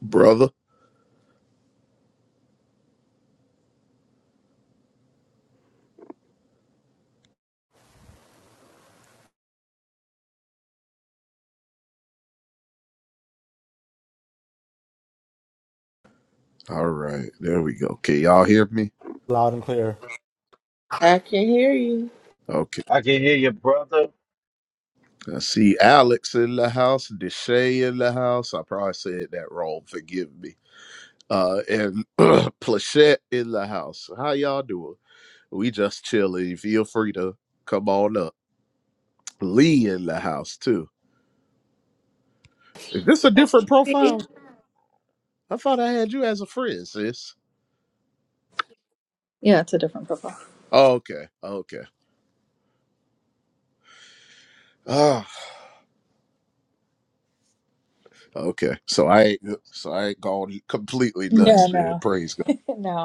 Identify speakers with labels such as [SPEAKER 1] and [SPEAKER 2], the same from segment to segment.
[SPEAKER 1] brother. All right, there we go. Can y'all hear me?
[SPEAKER 2] Loud and clear.
[SPEAKER 3] I can hear you.
[SPEAKER 1] Okay.
[SPEAKER 4] I can hear your brother.
[SPEAKER 1] I see Alex in the house, Deshay in the house. I probably said that wrong. Forgive me. Uh, and Plachette in the house. How y'all doing? We just chilling. Feel free to come on up. Lee in the house too. Is this a different
[SPEAKER 3] Sorry.
[SPEAKER 1] profile? I thought I had you as a friend, sis.
[SPEAKER 5] Yeah, it's a different profile.
[SPEAKER 1] Oh, okay. Okay. Ah, okay. So I ain't so I ain't gone completely
[SPEAKER 5] Yeah,
[SPEAKER 1] nuts then.
[SPEAKER 5] no,
[SPEAKER 1] Praise God.
[SPEAKER 5] no.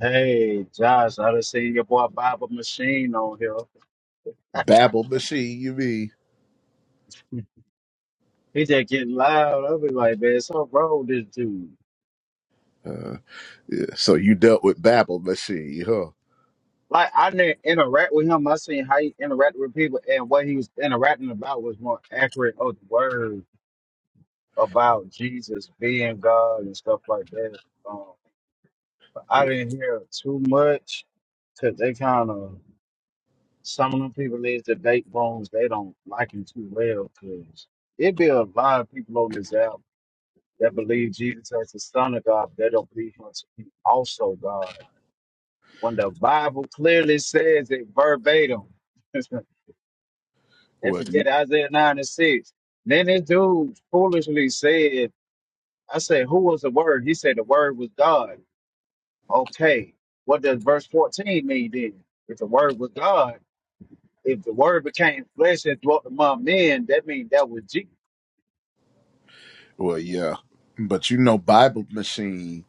[SPEAKER 4] Hey, Josh, I done seen your boy Baba Machine on here.
[SPEAKER 1] Babble machine, you mean?
[SPEAKER 4] He just getting loud. I be like, man, so wrong with this dude.
[SPEAKER 1] Uh, yeah. So you dealt with Babel machine, huh?
[SPEAKER 4] Like, I didn't interact with him. I seen how he interacted with people and what he was interacting about was more accurate of the word about Jesus being God and stuff like that. Um, I didn't hear too much because they kind of some of them people is that date bones they don't like him too well because it be a lot of people on this app that believe Jesus as the Son of God, but they don't believe him to be also God. When the Bible clearly says it verbatim, they
[SPEAKER 1] Well, you,
[SPEAKER 4] forget Isaiah 9 and 6. Then this dude foolishly said, I said, who was the word? He said the word was God. Okay. What does verse 14 mean then? If the word was God, If the word became flesh and dwelt among men, that means that was Jesus.
[SPEAKER 1] well, yeah. But you know, Bible machine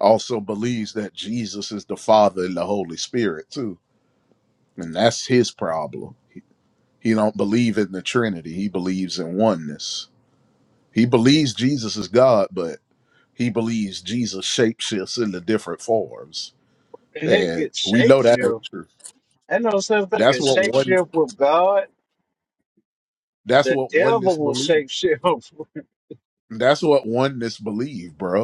[SPEAKER 1] also believes that Jesus is the Father and the Holy Spirit too, and that's his problem. He don't believe in the Trinity. He believes in oneness. He believes Jesus is God, but he believes Jesus shapeshifts into different forms,
[SPEAKER 4] And he
[SPEAKER 1] and
[SPEAKER 4] could
[SPEAKER 1] we know that ain't
[SPEAKER 4] shapeshift.
[SPEAKER 1] true.
[SPEAKER 4] Ain't no such thing
[SPEAKER 1] That's
[SPEAKER 4] as
[SPEAKER 1] what one.
[SPEAKER 4] shapeshift with God.
[SPEAKER 1] That's
[SPEAKER 4] The
[SPEAKER 1] what oneness
[SPEAKER 4] devil will
[SPEAKER 1] believes.
[SPEAKER 4] shapeshift.
[SPEAKER 1] That's what oneness believe, bro.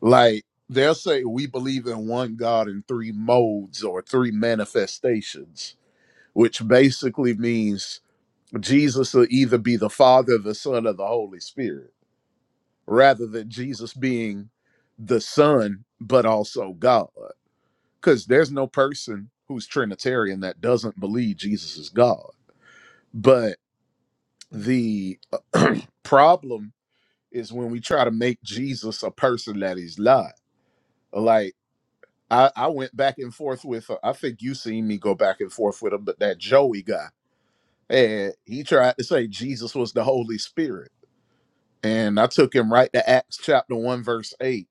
[SPEAKER 1] Like they'll say we believe in one God in three modes or three manifestations, which basically means Jesus will either be the Father, the Son, or the Holy Spirit, rather than Jesus being the Son, but also God. Because there's no person who's Trinitarian that doesn't believe Jesus is God. But the problem is when we try to make Jesus a person that he's not. Like I, I went back and forth with. uh, I think you seen me go back and forth with him, but that Joey guy, and he tried to say Jesus was the Holy Spirit, and I took him right to Acts chapter one verse eight,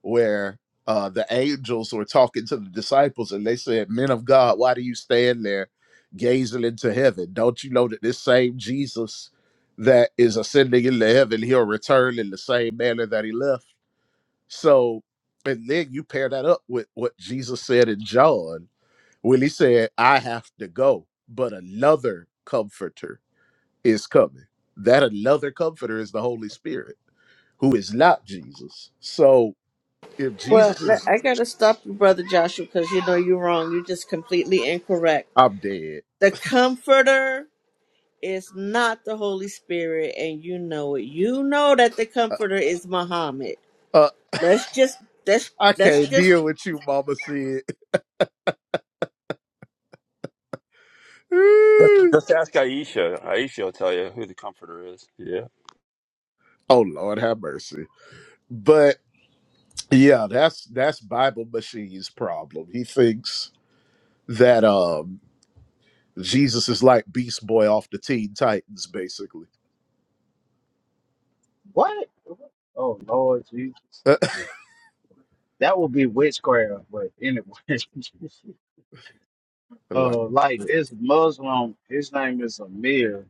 [SPEAKER 1] where uh, the angels were talking to the disciples, and they said, "Men of God, why do you stand there gazing into heaven? Don't you know that this same Jesus that is ascending into heaven, he'll return in the same manner that he left?" So, and then you pair that up with what Jesus said in John. Willie said, I have to go, but another comforter is coming. That another comforter is the Holy Spirit, who is not Jesus. So if
[SPEAKER 3] Well,
[SPEAKER 1] Jesus
[SPEAKER 3] le-
[SPEAKER 1] is,
[SPEAKER 3] I gotta stop you, brother Joshua, because you know you're wrong. You're just completely incorrect.
[SPEAKER 1] I'm dead.
[SPEAKER 3] The Comforter is not the Holy Spirit, and you know it. You know that the Comforter is Muhammad.
[SPEAKER 1] Uh,
[SPEAKER 3] Let's just let's
[SPEAKER 1] I
[SPEAKER 3] let's
[SPEAKER 1] can't
[SPEAKER 3] just.
[SPEAKER 1] deal with you, Mama said.
[SPEAKER 6] Just, just ask Aisha. Aisha will tell you who the comforter is. Yeah.
[SPEAKER 1] oh Lord, have mercy. But yeah, that's that's Bible Machine's problem. He thinks that um Jesus is like Beast Boy off the Teen Titans, basically.
[SPEAKER 4] what? Oh Lord Jesus. That would be witchcraft, but anyway.
[SPEAKER 1] like,
[SPEAKER 4] uh like this Muslim, his name is Amir.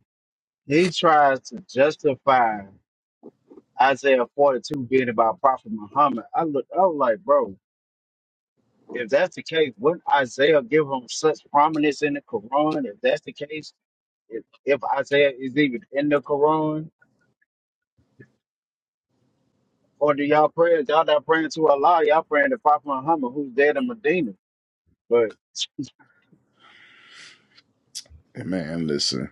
[SPEAKER 4] He tries to justify Isaiah 42 being about Prophet Muhammad. I look I was like, bro, if that's the case, wouldn't Isaiah give him such prominence in the Quran? If that's the case, if, if Isaiah is even in the Quran, or do y'all pray? Y'all not praying to Allah, y'all praying to Prophet Muhammad, who's dead in Medina. But
[SPEAKER 1] man, listen.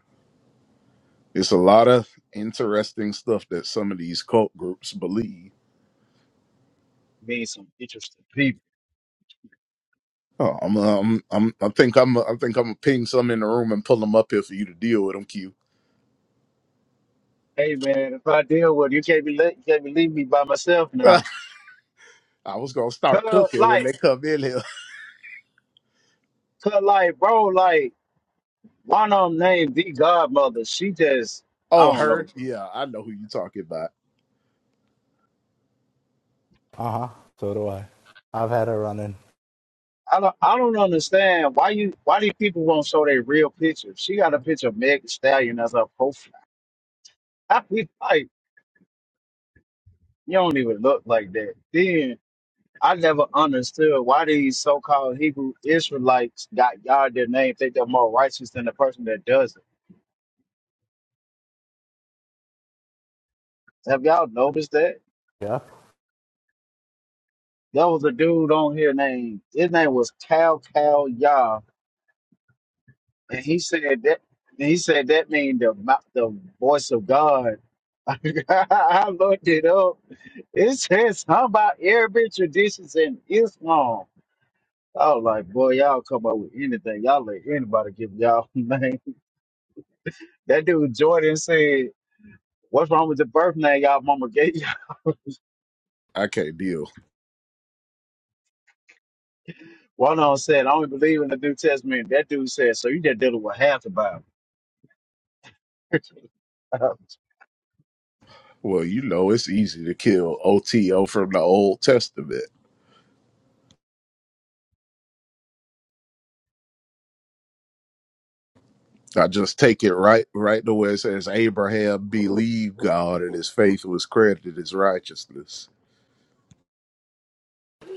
[SPEAKER 1] It's a lot of interesting stuff that some of these cult groups believe.
[SPEAKER 4] being some interesting people.
[SPEAKER 1] Oh, I'm, um, I'm, I think I'm, I think I'm gonna ping some in the room and pull them up here for you to deal with them. Q.
[SPEAKER 4] Hey man, if I deal with you, can't be let, you can't be leaving me by myself
[SPEAKER 1] I
[SPEAKER 4] now.
[SPEAKER 1] was gonna start
[SPEAKER 4] Cause
[SPEAKER 1] cooking when
[SPEAKER 4] like,
[SPEAKER 1] they come in here.
[SPEAKER 4] cause like, bro, like one of them named the Godmother. She just, I
[SPEAKER 1] Oh,
[SPEAKER 4] don't
[SPEAKER 1] her?
[SPEAKER 4] know, bro.
[SPEAKER 1] Yeah, I know who you talking about.
[SPEAKER 2] Uh huh. So do I. I've had her running.
[SPEAKER 4] I don't, I don't understand why you why do people won't show their real picture? She got a picture of Meg Thee Stallion as her profile. I be like, you don't even look like that. Then I never understood why these so called Hebrew Israelites got God their name, think they're more righteous than the person that doesn't. Have y'all noticed that?
[SPEAKER 2] Yeah.
[SPEAKER 4] There was a dude on here named his name was Cal Cal Yah, and he said that and he said that means the mou- the voice of God. I looked it up It says how about Arabic traditions and Islam. I was like, boy, y'all come up with anything. Y'all let anybody give y'all name. That dude Jordan said, What's wrong with the birth name y'all mama gave you?
[SPEAKER 1] I can't deal.
[SPEAKER 4] One of them said, I only believe in the New Testament. That dude said, So you just dealing with half the Bible.
[SPEAKER 1] Well, you know it's easy to kill OTO from the Old Testament. I just take it right, right to where it says Abraham believed God and his faith was credited as righteousness.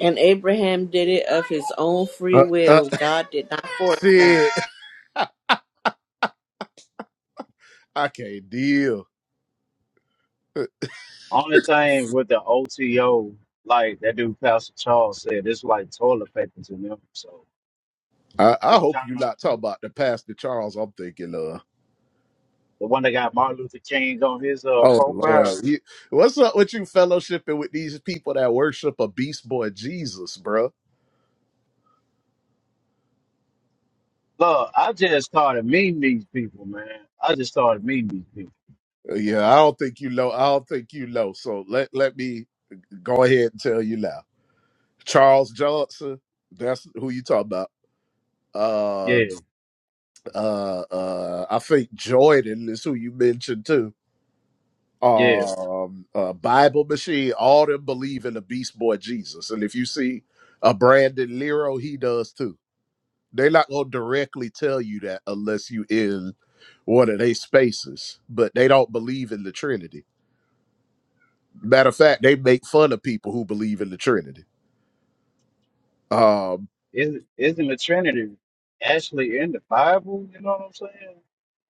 [SPEAKER 3] And Abraham did it of his own free
[SPEAKER 1] Uh, uh,
[SPEAKER 3] will. God did not force
[SPEAKER 1] see
[SPEAKER 3] him.
[SPEAKER 1] it. I can't deal.
[SPEAKER 4] Only thing with the OTO, like that dude Pastor Charles said, it's like toilet paper to them. So
[SPEAKER 1] I, I
[SPEAKER 4] it's
[SPEAKER 1] hope
[SPEAKER 4] kind
[SPEAKER 1] you
[SPEAKER 4] of
[SPEAKER 1] not talking about the Pastor Charles I'm thinking of.
[SPEAKER 4] the one that got Martin Luther King on his uh,
[SPEAKER 1] Oh Lord.
[SPEAKER 4] profile.
[SPEAKER 1] You- what's up with you fellowshipping with these people that worship a beast boy Jesus, bro?
[SPEAKER 4] Look, I just started meeting these people, man. I just started meeting these people.
[SPEAKER 1] Yeah, I don't think you know. I don't think you know. So let let me go ahead and tell you now. Charles Johnson, that's who you talking about. Uh
[SPEAKER 4] Yeah,
[SPEAKER 1] uh uh I think Jordan is who you mentioned too
[SPEAKER 4] yeah.
[SPEAKER 1] um uh, Bible Machine, all them believe in the Beast Boy Jesus. And if you see a Brandon Lero, he does too. They're not gonna directly tell you that unless you in one of their spaces. But they don't believe in the Trinity. Matter of fact, they make fun of people who believe in the Trinity. Um,
[SPEAKER 4] Isn't isn't the Trinity actually in the Bible? You know what I'm saying?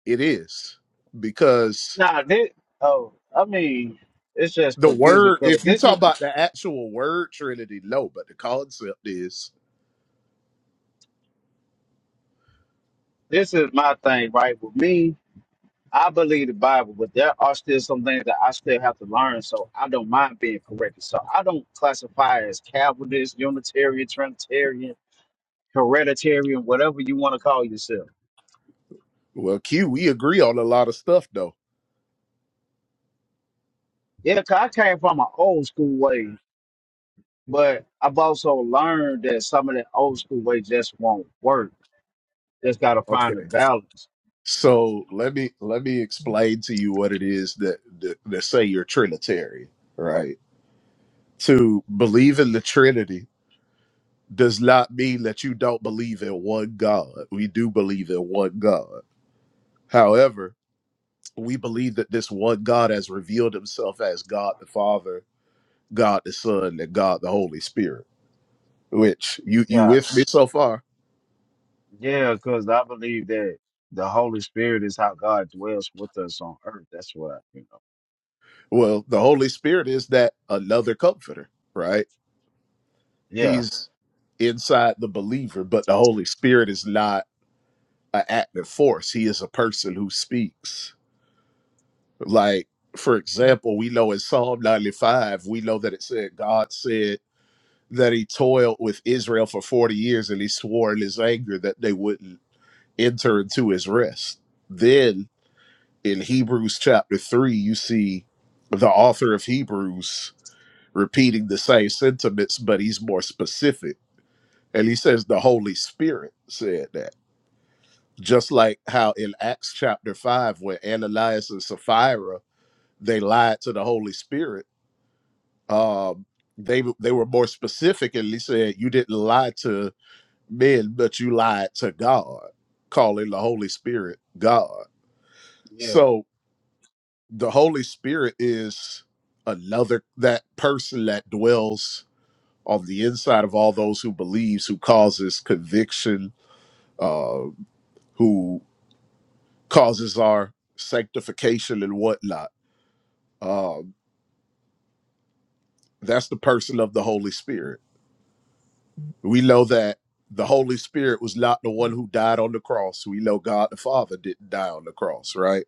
[SPEAKER 1] it is because
[SPEAKER 4] Nah, this. Oh, I mean, it's just
[SPEAKER 1] the
[SPEAKER 4] confusing.
[SPEAKER 1] word,
[SPEAKER 4] Cause
[SPEAKER 1] if you
[SPEAKER 4] this
[SPEAKER 1] talk
[SPEAKER 4] is
[SPEAKER 1] about the actual word Trinity, no, but the concept is
[SPEAKER 4] this is my thing, right? With me, I believe the Bible, but there are still some things that I still have to learn. So I don't mind being corrected. So I don't classify as Calvinist, Unitarian, Trinitarian, Hereditarian, whatever you want to call yourself.
[SPEAKER 1] well, Q, we agree on a lot of stuff though.
[SPEAKER 4] Yeah, 'cause I came from an old school way, but I've also learned that some of the old school ways just won't work. Just gotta
[SPEAKER 1] Okay.
[SPEAKER 4] find a balance.
[SPEAKER 1] So let me let me explain to you what it is that that, that say you're Trinitarian, right? To believe in the Trinity does not mean that you don't believe in one God. We do believe in one God. However, we believe that this one God has revealed himself as God the Father, God the Son, and God the Holy Spirit. Which you you
[SPEAKER 4] Yeah,
[SPEAKER 1] with me so far?
[SPEAKER 4] yeah, because I believe that the Holy Spirit is how God dwells with us on earth. That's what I, you know.
[SPEAKER 1] Well, the Holy Spirit is that another comforter, right?
[SPEAKER 4] Yeah,
[SPEAKER 1] He's inside the believer, but the Holy Spirit is not an active force. He is a person who speaks. Like, for example, we know in Psalm 95, we know that it said, God said that he toiled with Israel for 40 years and he swore in his anger that they wouldn't enter into his rest. Then in Hebrews chapter 3, you see the author of Hebrews repeating the same sentiments, but he's more specific And he says the Holy Spirit said that. Just like how in Acts chapter 5, when Ananias and Sapphira, they lied to the Holy Spirit. Um, they they were more specific and he said, You didn't lie to men, but you lied to God, calling the Holy Spirit God.
[SPEAKER 4] yeah,
[SPEAKER 1] So the Holy Spirit is another that person that dwells on the inside of all those who believes, who causes conviction, uh, who causes our sanctification and whatnot. Um, that's the person of the Holy Spirit. We know that the Holy Spirit was not the one who died on the cross. We know God the Father didn't die on the cross, right?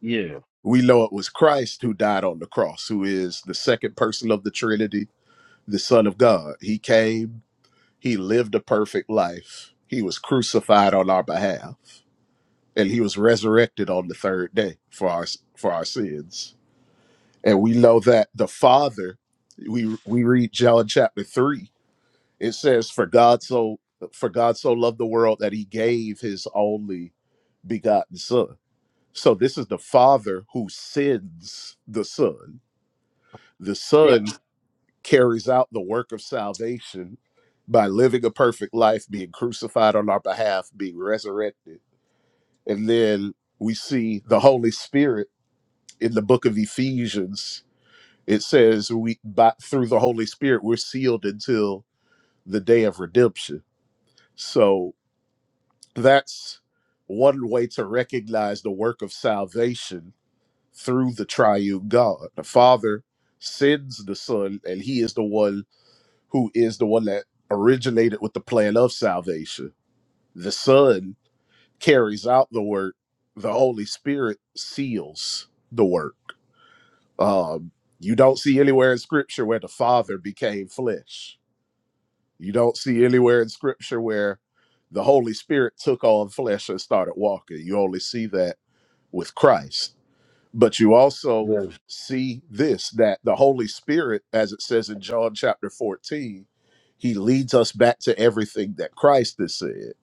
[SPEAKER 4] yeah,
[SPEAKER 1] We know it was Christ who died on the cross, who is the second person of the Trinity, the Son of God. He came, he lived a perfect life, he was crucified on our behalf, and he was resurrected on the third day for our for our sins And we know that the Father, we we read John chapter three. It says, "For God so for God so loved the world that He gave His only begotten Son." So this is the Father who sends the Son. The
[SPEAKER 4] yeah,
[SPEAKER 1] Son carries out the work of salvation by living a perfect life, being crucified on our behalf, being resurrected, and then we see the Holy Spirit in the book of Ephesians It says we by through the Holy Spirit we're sealed until the day of redemption. So that's one way to recognize the work of salvation through the triune God. The Father sends the Son, and He is the one who is the one that originated with the plan of salvation. The Son carries out the work. The Holy Spirit seals the work. Um, you don't see anywhere in Scripture where the Father became flesh. You don't see anywhere in scripture where the Holy Spirit took on flesh and started walking. You only see that with Christ. But you also
[SPEAKER 4] yeah.
[SPEAKER 1] see this that the Holy Spirit, as it says in John chapter 14, he leads us back to everything that Christ has said.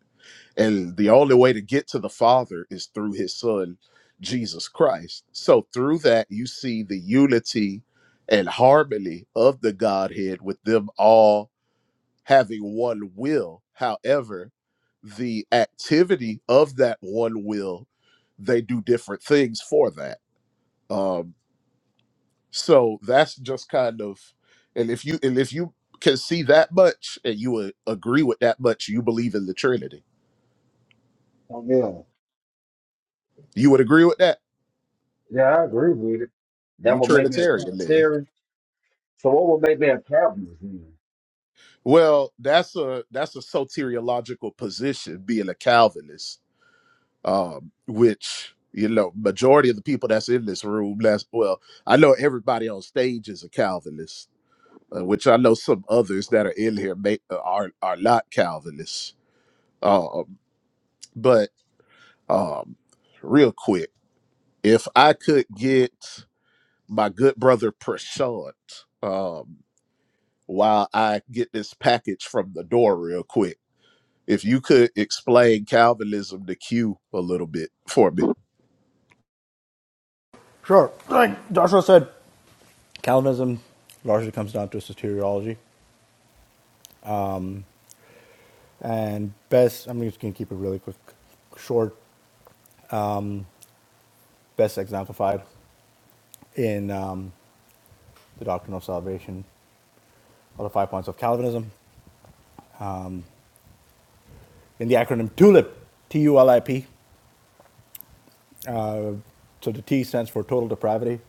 [SPEAKER 1] And the only way to get to the Father is through his Son, Jesus Christ. So through that, you see the unity and harmony of the Godhead with them all having one will. However, the activity of that one will, they do different things for that. Um, so that's just kind of, and if you and if you can see that much and you would agree with that much, you believe in the Trinity.
[SPEAKER 4] Oh, yeah,
[SPEAKER 1] You would agree with that.
[SPEAKER 4] yeah. I agree with it. That
[SPEAKER 1] You
[SPEAKER 4] would make me a
[SPEAKER 1] Trinitarian then.
[SPEAKER 4] Trinitarian. So what would make me a Calvinist? Then?
[SPEAKER 1] Well, that's a that's a soteriological position, being a Calvinist um, which you know majority of the people that's in this room that's well i know everybody on stage is a calvinist uh, which i know some others that are in here may, uh, are are not calvinists um, but um, real quick if i could get my good brother prashant um, while i get this package from the door real quick if you could explain calvinism to q a little bit for me
[SPEAKER 2] Sure. Like Joshua said, Calvinism largely comes down to soteriology. And best, I'm just going to keep it really quick, short, um, best exemplified in um, the doctrine of salvation are the five points of Calvinism in the acronym TULIP, T U L I P. So the T stands for total depravity.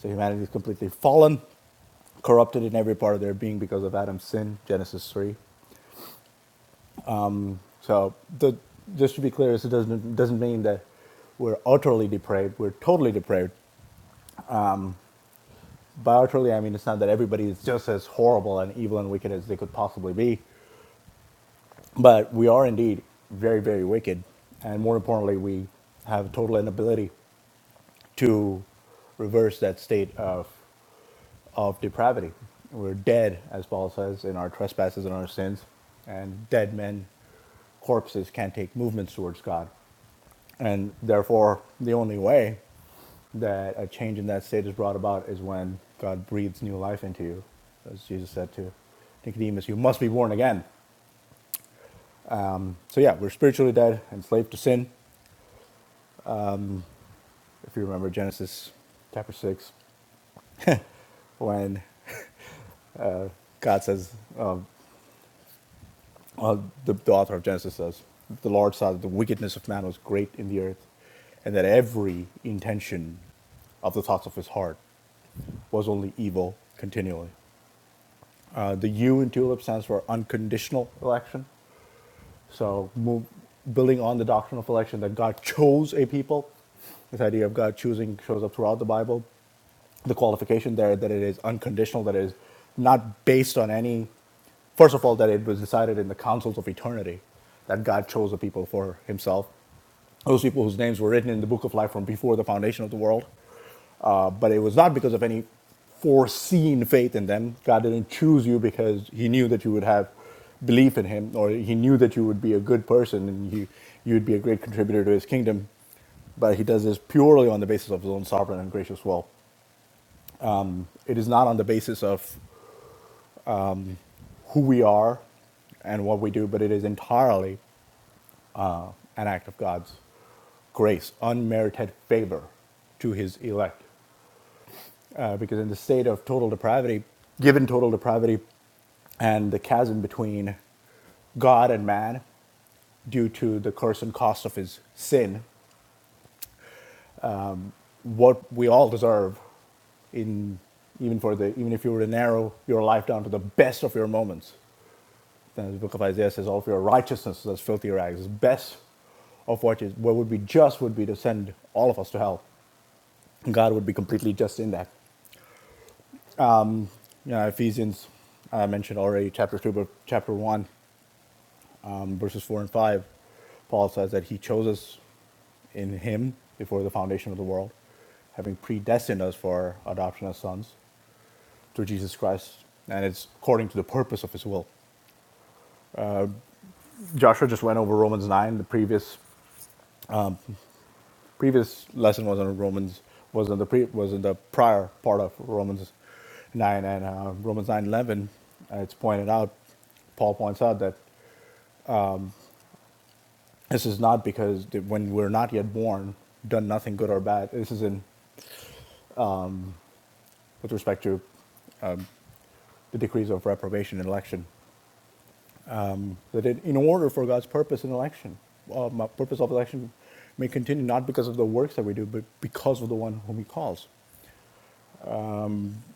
[SPEAKER 2] So humanity is completely fallen, corrupted in every part of their being because of Adam's sin, Genesis 3. So the, just to be clear, this doesn't doesn't mean that we're utterly depraved. We're totally depraved. By utterly, I mean it's not that everybody is just as horrible and evil and wicked as they could possibly be, but we are indeed very, very wicked, and more importantly, we have total inability to reverse that state of of depravity. We're dead, as Paul says, in our trespasses and our sins, and dead men, corpses can't take movements towards God, and therefore the only way that a change in that state is brought about is when God breathes new life into you, as Jesus said to Nicodemus, you must be born again. So, yeah, we're spiritually dead, enslaved to sin. If you remember Genesis chapter 6, when God says, uh, uh, the, the author of Genesis says, the Lord saw that the wickedness of man was great in the earth, and that every intention of the thoughts of his heart was only evil continually. Uh, the U in Tulip stands for unconditional election. So, move, building on the doctrine of election that God chose a people, this idea of God choosing shows up throughout the Bible. The qualification there that it is unconditional, that it is not based on any, first of all, that it was decided in the councils of eternity that God chose a people for himself those people whose names were written in the book of life from before the foundation of the world. Uh, but it was not because of any foreseen faith in them. God didn't choose you because He knew that you would have belief in Him, or He knew that you would be a good person and you you would be a great contributor to His kingdom. But He does this purely on the basis of His own sovereign and gracious will. It is not on the basis of who we are and what we do, but it is entirely uh, an act of God's grace, unmerited favor to His elect. uh, because in the state of total depravity, given total depravity and the chasm between God and man due to the curse and cost of his sin, what we all deserve in even for the even if you were to narrow your life down to the best of your moments, then the book of Isaiah says all of your righteousness is as filthy rags, is best of what is what would be just would be to send all of us to hell. And God would be completely just in that. Yeah, Ephesians I mentioned already chapter two but chapter one verses four and five, Paul says that he chose us in him before the foundation of the world, having predestined us for adoption as sons through Jesus Christ, and it's according to the purpose of his will. Joshua just went over Romans nine. The previous previous lesson was on Romans was in the pre, was in the prior part of Romans nine and uh, Romans nine eleven. Uh, it's pointed out. Paul points out that this is not because when we're not yet born, done nothing good or bad. This is in with respect to the decrees of reprobation in election. Mm. That in, in order for God's purpose in election, uh, purpose of election may continue not because of the works that we do, but because of the one whom He calls.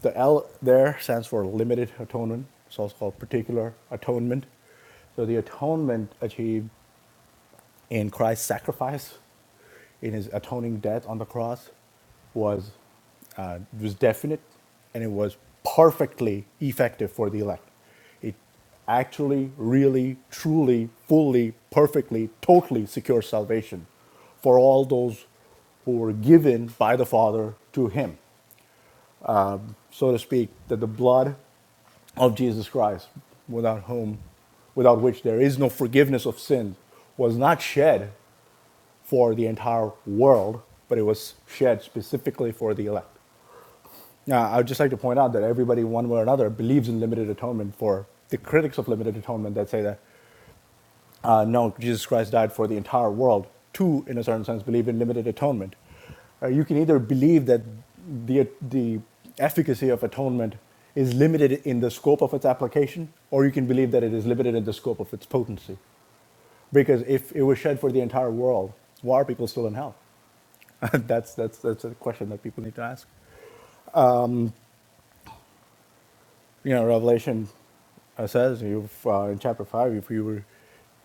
[SPEAKER 2] The L there stands for limited atonement. It's also called particular atonement. So the atonement achieved in Christ's sacrifice in his atoning death on the cross was uh, was definite and it was perfectly effective for the elect. It actually, really, truly, fully, perfectly, totally secures salvation for all those who were given by the Father to him, so to speak, that the blood of Jesus Christ, without whom, without which there is no forgiveness of sin, was not shed for the entire world, but it was shared specifically for the elect. Now, I would just like to point out that everybody, one way or another, believes in limited atonement for the critics of limited atonement that say that, uh, no, Jesus Christ died for the entire world, to, in a certain sense, believe in limited atonement. Uh, you can either believe that the, the efficacy of atonement is limited in the scope of its application, or you can believe that it is limited in the scope of its potency. Because if it was shed for the entire world, why are people still in hell? That's that's that's a question that people need to ask. You know, Revelation uh, says you uh, in chapter five, if you were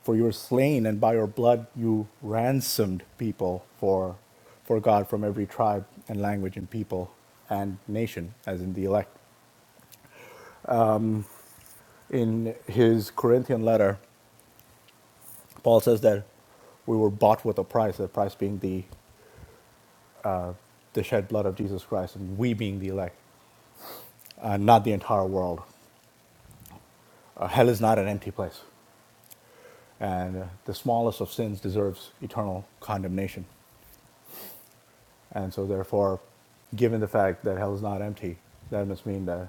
[SPEAKER 2] for you were slain, and by your blood you ransomed people for for God from every tribe and language and people and nation, as in the elect. In his Corinthian letter, Paul says that we were bought with a price, the price being the the shed blood of Jesus Christ, and we being the elect, uh, not the entire world. Uh, hell is not an empty place. And uh, the smallest of sins deserves eternal condemnation. And so, therefore, given the fact that hell is not empty, that must mean that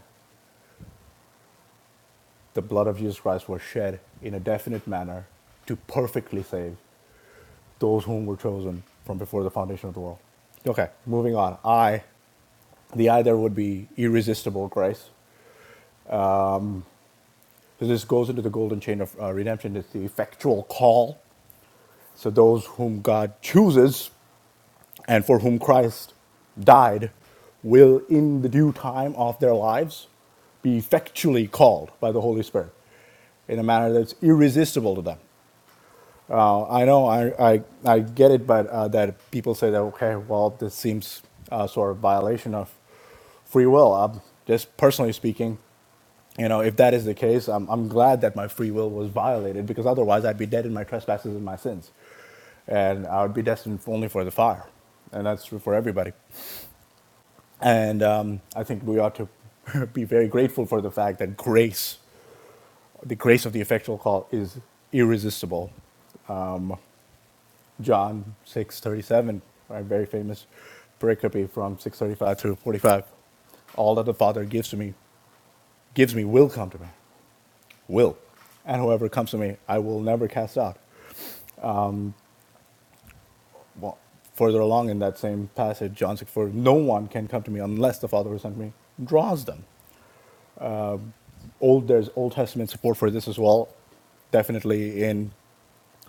[SPEAKER 2] the blood of Jesus Christ was shed in a definite manner to perfectly save those whom were chosen from before the foundation of the world. Okay, moving on. I, the I there would be irresistible grace. So this goes into the golden chain of uh, redemption. It's the effectual call. So those whom God chooses and for whom Christ died will, in the due time of their lives, be effectually called by the Holy Spirit in a manner that's irresistible to them. Uh, I know I, I, I get it, but uh, that people say that, okay, well, this seems uh, sort of violation of free will. Um, just personally speaking, you know, if that is the case, I'm, I'm glad that my free will was violated because otherwise I'd be dead in my trespasses and my sins. And I would be destined only for the fire. And that's true for everybody. And um, I think we ought to be very grateful for the fact that grace, the grace of the effectual call, is irresistible. John 6:37, a very famous pericope from 6:35 through 45. All that the Father gives to me, gives me, will come to me, will, and whoever comes to me, I will never cast out. Further along in that same passage, John 6:4, no one can come to me unless the Father who sent me draws them. Old, there's Old Testament support for this as well definitely in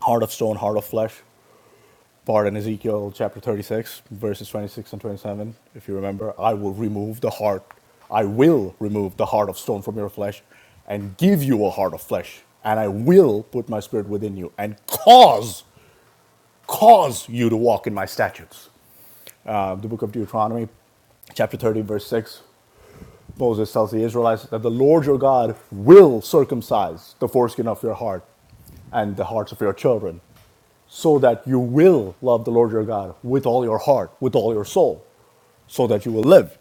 [SPEAKER 2] heart of stone, heart of flesh part in Ezekiel chapter 36, verses 26 and 27. If you remember, I will remove the heart, I will remove the heart of stone from your flesh and give you a heart of flesh. And I will put my spirit within you and cause, cause you to walk in my statutes. Uh, the book of Deuteronomy, chapter 30, verse 6, Moses tells the Israelites that the Lord your God will circumcise the foreskin of your heart and the hearts of your children, so that you will love the Lord your God with all your heart, with all your soul, so that you will live.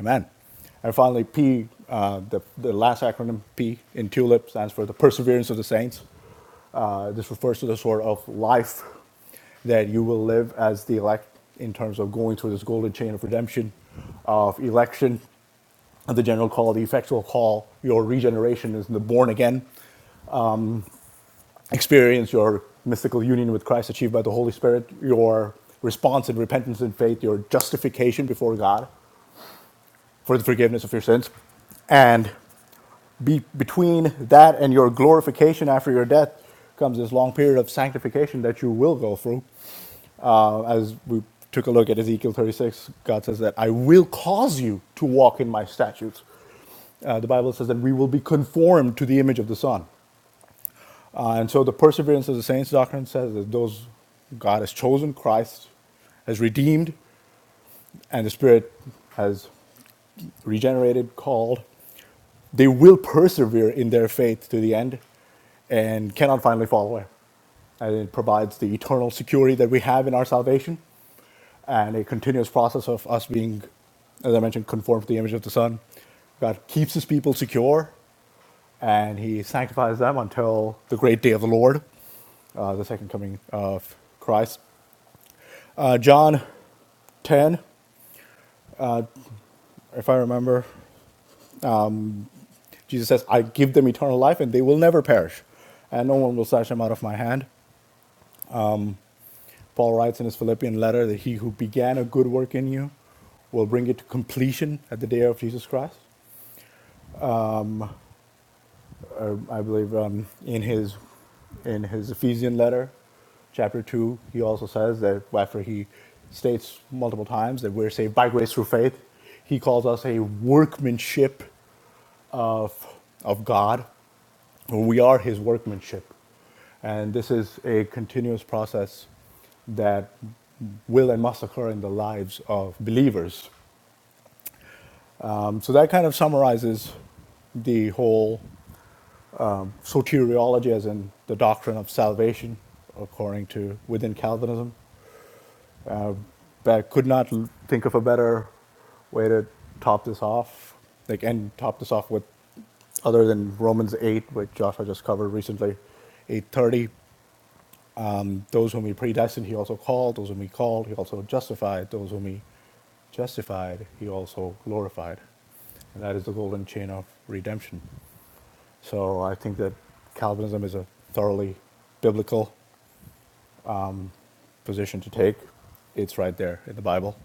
[SPEAKER 2] Amen. And finally, P, uh, the, the last acronym, P in TULIP, stands for the perseverance of the saints. Uh, this refers to the sort of life that you will live as the elect in terms of going through this golden chain of redemption, of election the general call, the effectual call, your regeneration is in the born again experience, your mystical union with Christ achieved by the Holy Spirit, your response in repentance and faith, your justification before God for the forgiveness of your sins. And be, between that and your glorification after your death comes this long period of sanctification that you will go through. Uh, as we took a look at Ezekiel 36, God says that I will cause you to walk in my statutes. Uh, the Bible says that we will be conformed to the image of the Son. Uh, and so the perseverance of the saints doctrine says that those God has chosen, Christ has redeemed, and the Spirit has regenerated, called, they will persevere in their faith to the end and cannot finally fall away. And it provides the eternal security that we have in our salvation and a continuous process of us being, as I mentioned, conformed to the image of the Son. God keeps his people secure and he sanctifies them until the great day of the Lord. uh, the second coming of Christ. Uh, John 10, if I remember, Jesus says, I give them eternal life and they will never perish, and no one will snatch them out of my hand. Paul writes in his Philippian letter that he who began a good work in you will bring it to completion at the day of Jesus Christ. Uh, I believe um, in, his, in his Ephesian letter, chapter 2, he also says that after he states multiple times that we're saved by grace through faith, he calls us a workmanship of, of God. or We are His workmanship. And this is a continuous process that will and must occur in the lives of believers. Um, so that kind of summarizes the whole soteriology, as in the doctrine of salvation, according to within Calvinism. But I could not think of a better way to top this off, like, and top this off with other than Romans 8, which Joshua just covered recently, 8:30. Those whom he predestined, he also called. Those whom he called, he also justified. Those whom he justified, he also glorified. And that is the golden chain of redemption. So I think that Calvinism is a thoroughly biblical position to take. It's right there in the Bible.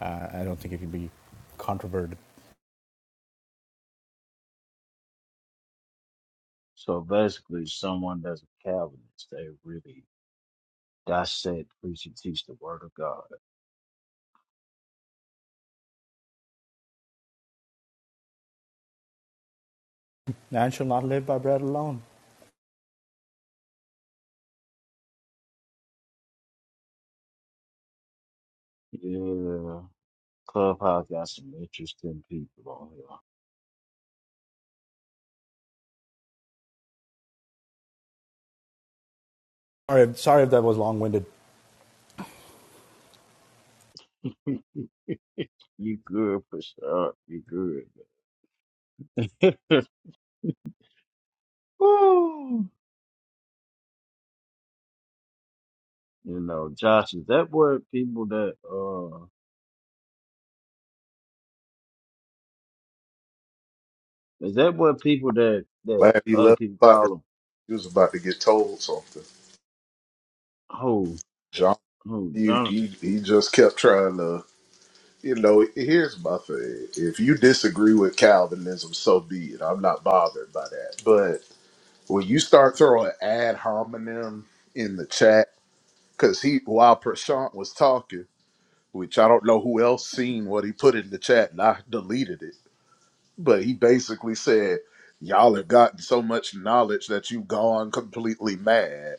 [SPEAKER 2] Uh, I don't think it can be controverted
[SPEAKER 4] So basically, someone that's a Calvinist, they really That's it. Preach and teach the word of God.
[SPEAKER 2] Man shall not live by bread alone.
[SPEAKER 4] Yeah. Clubhouse got some interesting people on
[SPEAKER 2] Sorry, sorry if that was long winded.
[SPEAKER 4] here. you good, Prashant. You good. man. Woo. You know, Josh, is that what people that, uh, is that what people that, that
[SPEAKER 1] Glad he
[SPEAKER 4] other people
[SPEAKER 1] left.
[SPEAKER 4] call them?
[SPEAKER 1] He was about to get told something.
[SPEAKER 4] Who?
[SPEAKER 1] John,
[SPEAKER 4] Who?
[SPEAKER 1] he,
[SPEAKER 4] John?
[SPEAKER 1] he, he just kept trying to, you know, here's my thing. If you disagree with Calvinism, so be it. I'm not bothered by that. But when you start throwing ad hominem in the chat, because he, while Prashant was talking, which I don't know who else seen what he put in the chat, and I deleted it, but he basically said, Y'all have gotten so much knowledge that you've gone completely mad.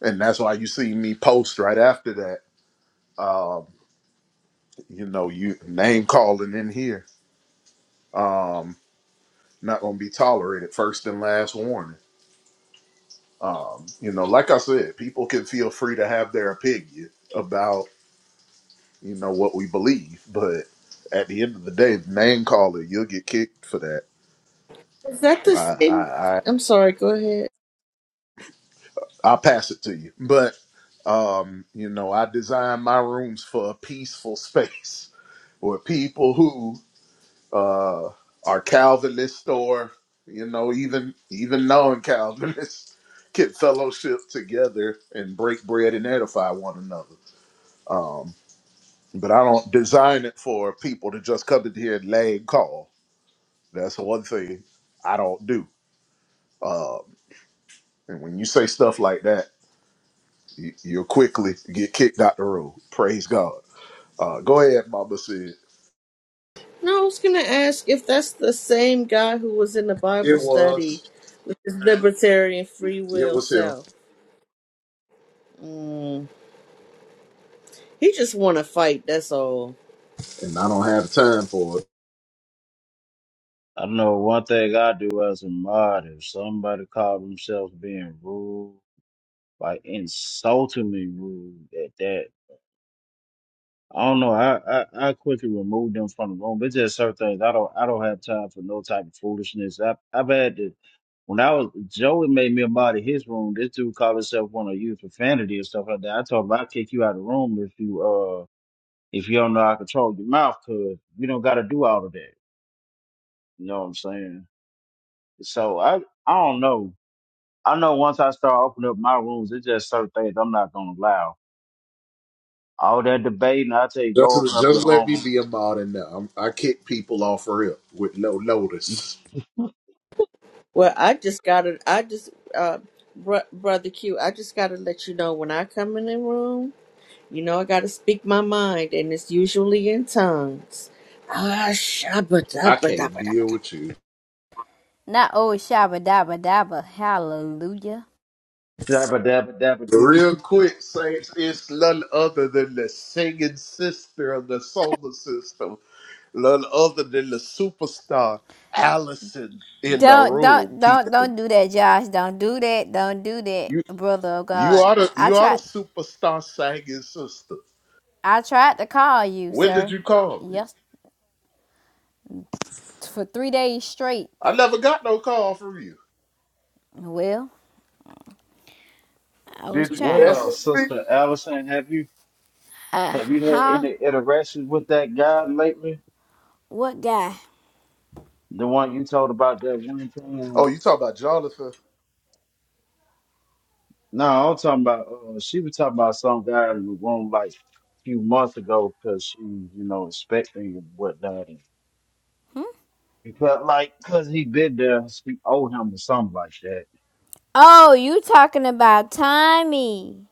[SPEAKER 1] And that's why you see me post right after that Um, you know, you name calling in here. Um, not gonna be tolerated. First and last warning. Um, you know, like I said, people can feel free to have their opinion about you know what we believe, but at the end of the day, name calling, you'll get kicked for that.
[SPEAKER 3] Is that
[SPEAKER 1] I
[SPEAKER 3] the
[SPEAKER 1] I
[SPEAKER 3] same?
[SPEAKER 1] I
[SPEAKER 3] I'm sorry. Go ahead.
[SPEAKER 1] I'll pass it to you, but um, you know, I design my rooms for a peaceful space where people who uh, our Calvinist store. You know, even even non Calvinists get fellowship together and break bread and edify one another. Um, but I don't design it for people to just come in here and lay and call. That's one thing I don't do. Um, and when you say stuff like that, you, you'll quickly get kicked out the room. Praise God. Uh, go ahead, Mama said.
[SPEAKER 3] No, I was going to ask if that's the same guy who was in the Bible
[SPEAKER 1] It
[SPEAKER 3] study
[SPEAKER 1] was.
[SPEAKER 3] with his libertarian free
[SPEAKER 1] It
[SPEAKER 3] will
[SPEAKER 1] was him.
[SPEAKER 3] self. Mm. He just want to fight. That's all.
[SPEAKER 1] And I don't have time for it.
[SPEAKER 4] I know one thing I do as a mod, if somebody call themselves being rude, like insultingly rude at that, I don't know. I, I, I quickly removed them from the room. It's just certain things. I don't I don't have time for no type of foolishness. I I've had to when I was Joey made me a mod in his room. This dude called himself one of you profanity and stuff like that. I told him I'll kick you out of the room if you uh if you don't know how to control your mouth, cause you don't gotta do all of that. You know what I'm saying? So I I don't know. I know once I start opening up my rooms, it's just certain things I'm not gonna allow. All that debating, I tell you, go open
[SPEAKER 1] Just,
[SPEAKER 4] up
[SPEAKER 1] just
[SPEAKER 4] your
[SPEAKER 1] let
[SPEAKER 4] own
[SPEAKER 1] me
[SPEAKER 4] room.
[SPEAKER 1] be a mod now. I'm, I kick people off real with no notice.
[SPEAKER 3] Well, I just got to I just, uh, br- brother Q, I just got to let you know when I come in the room. You know, I got to speak my mind, and it's usually in tongues. Ah,
[SPEAKER 1] I can't deal
[SPEAKER 3] shabba-dabba-dabba-dabba-dabba.
[SPEAKER 1] with you.
[SPEAKER 7] Not old shabba dabba dabba. Hallelujah.
[SPEAKER 4] Dabba dabba dabba do.
[SPEAKER 1] Real quick, Saints, it's none other than the singing sister of the solar system, none other than the superstar Allison in the
[SPEAKER 7] Don't
[SPEAKER 1] room.
[SPEAKER 7] don't don't
[SPEAKER 1] People,
[SPEAKER 7] don't do that, Josh. Don't do that. Don't do that,
[SPEAKER 1] you
[SPEAKER 7] brother of
[SPEAKER 1] you
[SPEAKER 7] God.
[SPEAKER 1] are the
[SPEAKER 7] I
[SPEAKER 1] you are the
[SPEAKER 7] tried
[SPEAKER 1] superstar singing sister.
[SPEAKER 7] I tried to call you,
[SPEAKER 1] When did
[SPEAKER 7] sir.
[SPEAKER 1] you call me?
[SPEAKER 7] Yes for three days straight.
[SPEAKER 1] I never got no call from you.
[SPEAKER 7] Well, I was
[SPEAKER 1] Did you
[SPEAKER 7] trying to
[SPEAKER 4] Well,
[SPEAKER 1] message me?
[SPEAKER 4] Sister Allison, have you
[SPEAKER 7] uh
[SPEAKER 4] have you had
[SPEAKER 7] huh?
[SPEAKER 4] any interactions with that guy lately?
[SPEAKER 7] What guy?
[SPEAKER 4] The one you told about that one
[SPEAKER 1] Oh,
[SPEAKER 4] time?
[SPEAKER 1] you talking about Jonathan?
[SPEAKER 4] No, I'm talking about. Uh, she was talking about some guy in the room like a few months ago because she, you know, expecting and whatnot. And he felt like because he been there, she owed him or something like that.
[SPEAKER 7] Oh, you talking about Tommy.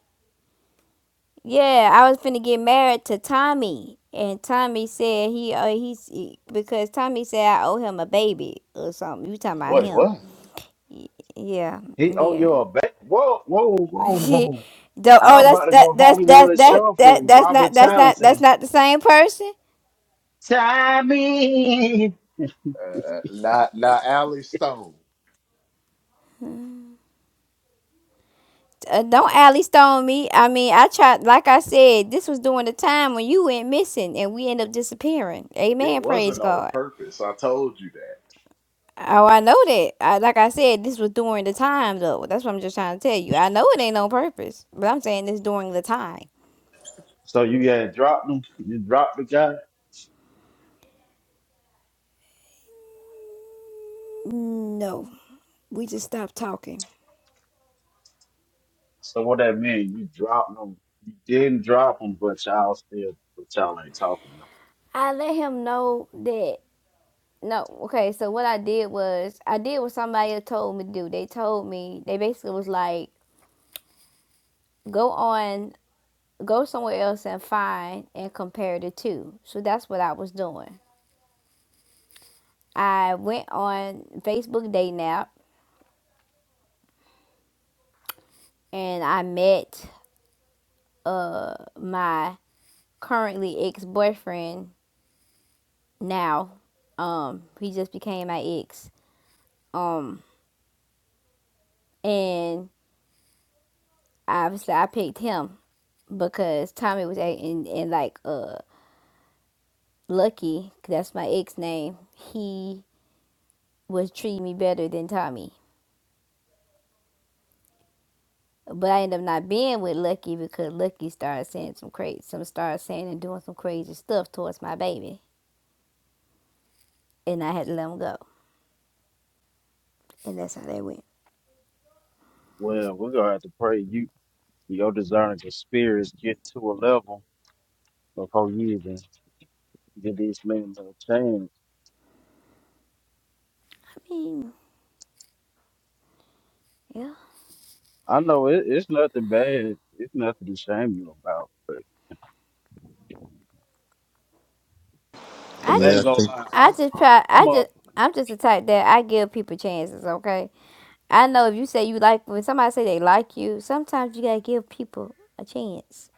[SPEAKER 7] Yeah, I was finna get married to Tommy. And Tommy said he uh, he's he, because Tommy said I owe him a baby or something. You talking about
[SPEAKER 1] Wait,
[SPEAKER 7] him.
[SPEAKER 1] what?
[SPEAKER 7] Yeah,
[SPEAKER 4] He owe
[SPEAKER 7] yeah.
[SPEAKER 4] you a back. Whoa, whoa, whoa, whoa!
[SPEAKER 7] the, oh,
[SPEAKER 4] I'm about
[SPEAKER 7] that's
[SPEAKER 4] to
[SPEAKER 7] that
[SPEAKER 4] go
[SPEAKER 7] that's that.
[SPEAKER 4] Hollywood
[SPEAKER 7] that that
[SPEAKER 4] shuffle.
[SPEAKER 7] that's
[SPEAKER 4] Robert
[SPEAKER 7] not that's not that's
[SPEAKER 4] Townsend.
[SPEAKER 7] not the same person.
[SPEAKER 4] Time
[SPEAKER 1] Uh, uh, not not Alley Stone.
[SPEAKER 7] Uh, don't alley stone me. I mean, I tried. Like I said, this was during the time when you went missing and we end up disappearing.
[SPEAKER 1] It
[SPEAKER 7] Amen. Praise
[SPEAKER 1] wasn't on
[SPEAKER 7] God.
[SPEAKER 1] purpose. I told you that.
[SPEAKER 7] Oh, I know that. I, like I said, this was during the time though. That's what I'm just trying to tell you. I know it ain't on purpose, but I'm saying this during the time.
[SPEAKER 4] So you had dropped him. You dropped the guy.
[SPEAKER 7] No, we just stopped talking.
[SPEAKER 4] So what that mean? You dropped him. You didn't drop him, but y'all still, but y'all ain't talking. No.
[SPEAKER 7] I let him know that. No, okay, so what I did was I did what somebody had told me to do. They told me they basically was like, go on, go somewhere else and find and compare the two. So that's what I was doing. I went on Facebook dating app and I met uh my currently ex boyfriend now. Um, he just became my ex. Um, and obviously I picked him because Tommy was a- in, in like uh Lucky, that's my ex name, he was treating me better than Tommy. But I ended up not being with Lucky because Lucky started saying some crazy, some started saying and doing some crazy stuff towards my baby, and I had to let him go. And that's how that went.
[SPEAKER 4] Well, we're gonna have to pray you, your discerning of spirits, get to a level before you even get these men to change.
[SPEAKER 7] I mean, yeah.
[SPEAKER 4] I know it, it's nothing bad. It's nothing to shame you about. But Cause
[SPEAKER 7] I
[SPEAKER 4] I
[SPEAKER 8] Yeah,
[SPEAKER 4] ain't
[SPEAKER 7] just,
[SPEAKER 8] I
[SPEAKER 4] gonna
[SPEAKER 8] think
[SPEAKER 4] lie,
[SPEAKER 7] I
[SPEAKER 4] I'm,
[SPEAKER 7] just
[SPEAKER 4] I'm,
[SPEAKER 7] try.
[SPEAKER 4] I'm
[SPEAKER 7] I
[SPEAKER 4] a.
[SPEAKER 7] just, I'm just the type that I give people chances. Okay. I know if you say you like, when somebody say they like you, sometimes you gotta give people a chance,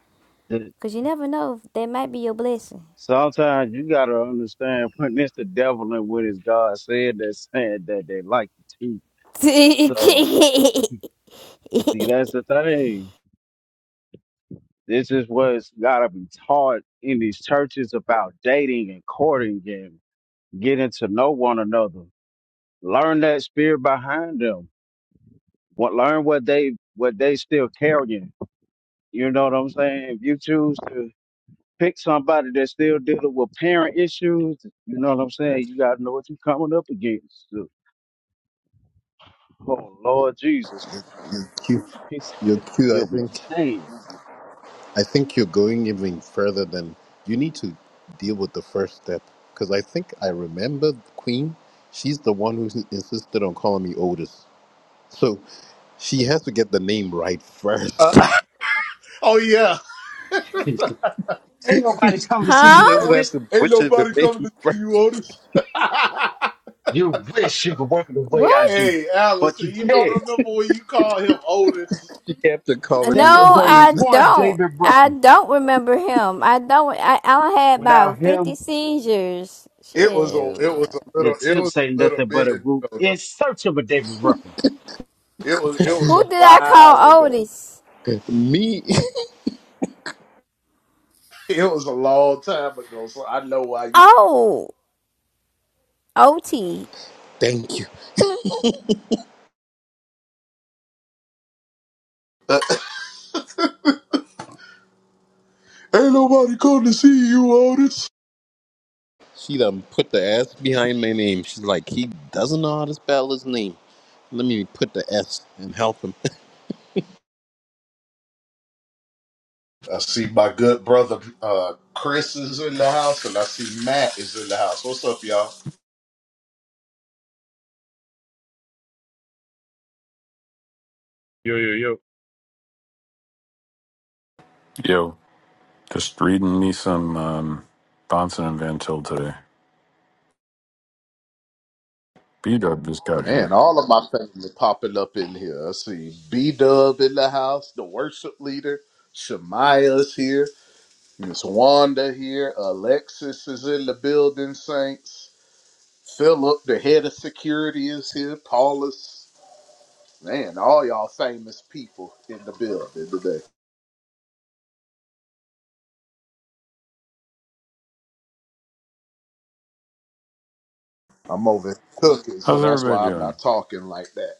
[SPEAKER 4] the-
[SPEAKER 7] cause you never know. That might be your blessing.
[SPEAKER 4] Sometimes you gotta understand when it's the devil and what is God said that's saying that they like to teach. So See, that's the thing. This is what's gotta be taught in these churches about dating and courting and getting to know one another. Learn that spirit behind them. What learn what they what they still carrying. You know what I'm saying? If you choose to pick somebody that's still dealing with parent issues, you know what I'm saying? You gotta know what you're coming up against. Oh Lord Jesus.
[SPEAKER 8] you're cute.
[SPEAKER 4] He
[SPEAKER 8] You're
[SPEAKER 4] said,
[SPEAKER 8] cute. I
[SPEAKER 4] give them
[SPEAKER 8] think.
[SPEAKER 4] a chance.
[SPEAKER 8] I think you're going even further than you need to deal with the first step. Because I think I remember Queen. She's the one who insisted on calling me Otis. So she has to get the name right first.
[SPEAKER 1] Uh, oh yeah,
[SPEAKER 4] Ain't nobody coming to see
[SPEAKER 8] she
[SPEAKER 7] Huh?
[SPEAKER 4] you,
[SPEAKER 8] doesn't have
[SPEAKER 4] Otis.
[SPEAKER 8] to
[SPEAKER 1] ain't
[SPEAKER 8] butcher the
[SPEAKER 1] nobody coming to
[SPEAKER 8] name
[SPEAKER 1] see you,
[SPEAKER 8] first.
[SPEAKER 1] Otis.
[SPEAKER 4] You wish you could work the way I do,
[SPEAKER 7] What?
[SPEAKER 1] hey,
[SPEAKER 4] but
[SPEAKER 1] Allison,
[SPEAKER 4] you
[SPEAKER 1] you don't
[SPEAKER 4] can't.
[SPEAKER 1] remember when you called him Otis?
[SPEAKER 8] She has to
[SPEAKER 4] 'cause
[SPEAKER 8] call
[SPEAKER 4] There
[SPEAKER 8] me
[SPEAKER 4] is
[SPEAKER 7] No,
[SPEAKER 4] only
[SPEAKER 7] I
[SPEAKER 8] Otis.
[SPEAKER 4] one
[SPEAKER 7] don't.
[SPEAKER 4] David
[SPEAKER 7] I
[SPEAKER 4] Ruffin.
[SPEAKER 7] don't remember him. I don't. I, I done had
[SPEAKER 4] Without
[SPEAKER 7] about 50
[SPEAKER 4] him,
[SPEAKER 7] seizures.
[SPEAKER 1] It was a
[SPEAKER 7] Shit.
[SPEAKER 1] it was a
[SPEAKER 4] the
[SPEAKER 1] little it was
[SPEAKER 4] tips
[SPEAKER 1] a
[SPEAKER 4] ain't
[SPEAKER 1] little
[SPEAKER 4] nothing but a
[SPEAKER 1] minute
[SPEAKER 4] group
[SPEAKER 1] ago though.
[SPEAKER 4] in search of a David Ruffin.
[SPEAKER 1] It was it was
[SPEAKER 7] Who
[SPEAKER 1] a
[SPEAKER 7] did I
[SPEAKER 1] while
[SPEAKER 7] call
[SPEAKER 1] ago.
[SPEAKER 7] Otis?
[SPEAKER 8] me,
[SPEAKER 1] It was a long time ago, so I know why you. Don't.
[SPEAKER 7] Oh, OT.
[SPEAKER 8] thank you.
[SPEAKER 1] ain't nobody coming to see you, Otis.
[SPEAKER 8] She done put the S behind my name. She's like, he doesn't know how to spell his name. Let me put the S and help him.
[SPEAKER 1] I see my good brother uh, Chris is in the house, and I see Matt is in the house. What's up, y'all?
[SPEAKER 9] Yo, yo, yo.
[SPEAKER 10] Yo, just reading me some um, Bonson and Van Til today. B Dub just got
[SPEAKER 1] Man,
[SPEAKER 10] here.
[SPEAKER 1] all of my family popping up in here. I see B Dub in the house, the worship leader. Shemaya's here. Miss Wanda here. Alexis is in the building, Saints. Philip, the head of security, is here. Paulus. Man, all y'all famous people in the building today. I'm over cooking, so
[SPEAKER 10] How's
[SPEAKER 1] that's
[SPEAKER 10] everybody
[SPEAKER 1] why I'm
[SPEAKER 10] doing?
[SPEAKER 1] not talking like that.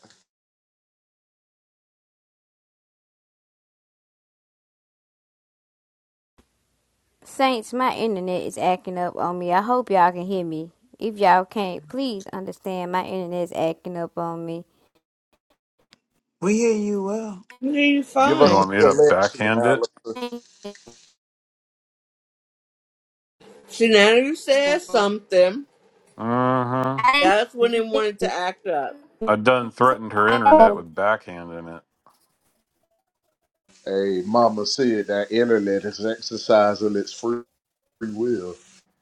[SPEAKER 7] Saints, my internet is acting up on me. I hope y'all can hear me. If y'all can't, please understand my internet is acting up on me.
[SPEAKER 11] We hear you well.
[SPEAKER 3] Yeah, you
[SPEAKER 1] Give
[SPEAKER 10] You
[SPEAKER 1] us a
[SPEAKER 3] fine.
[SPEAKER 10] want me to
[SPEAKER 1] selection,
[SPEAKER 10] backhand it?
[SPEAKER 1] Allison.
[SPEAKER 3] See, now you said something.
[SPEAKER 10] Uh huh.
[SPEAKER 7] I
[SPEAKER 3] That's when they
[SPEAKER 7] didn't,
[SPEAKER 3] wanted to act up,
[SPEAKER 10] I done threatened her internet
[SPEAKER 7] I,
[SPEAKER 10] with backhanding it.
[SPEAKER 1] Hey, Mama said that internet is exercising its free will.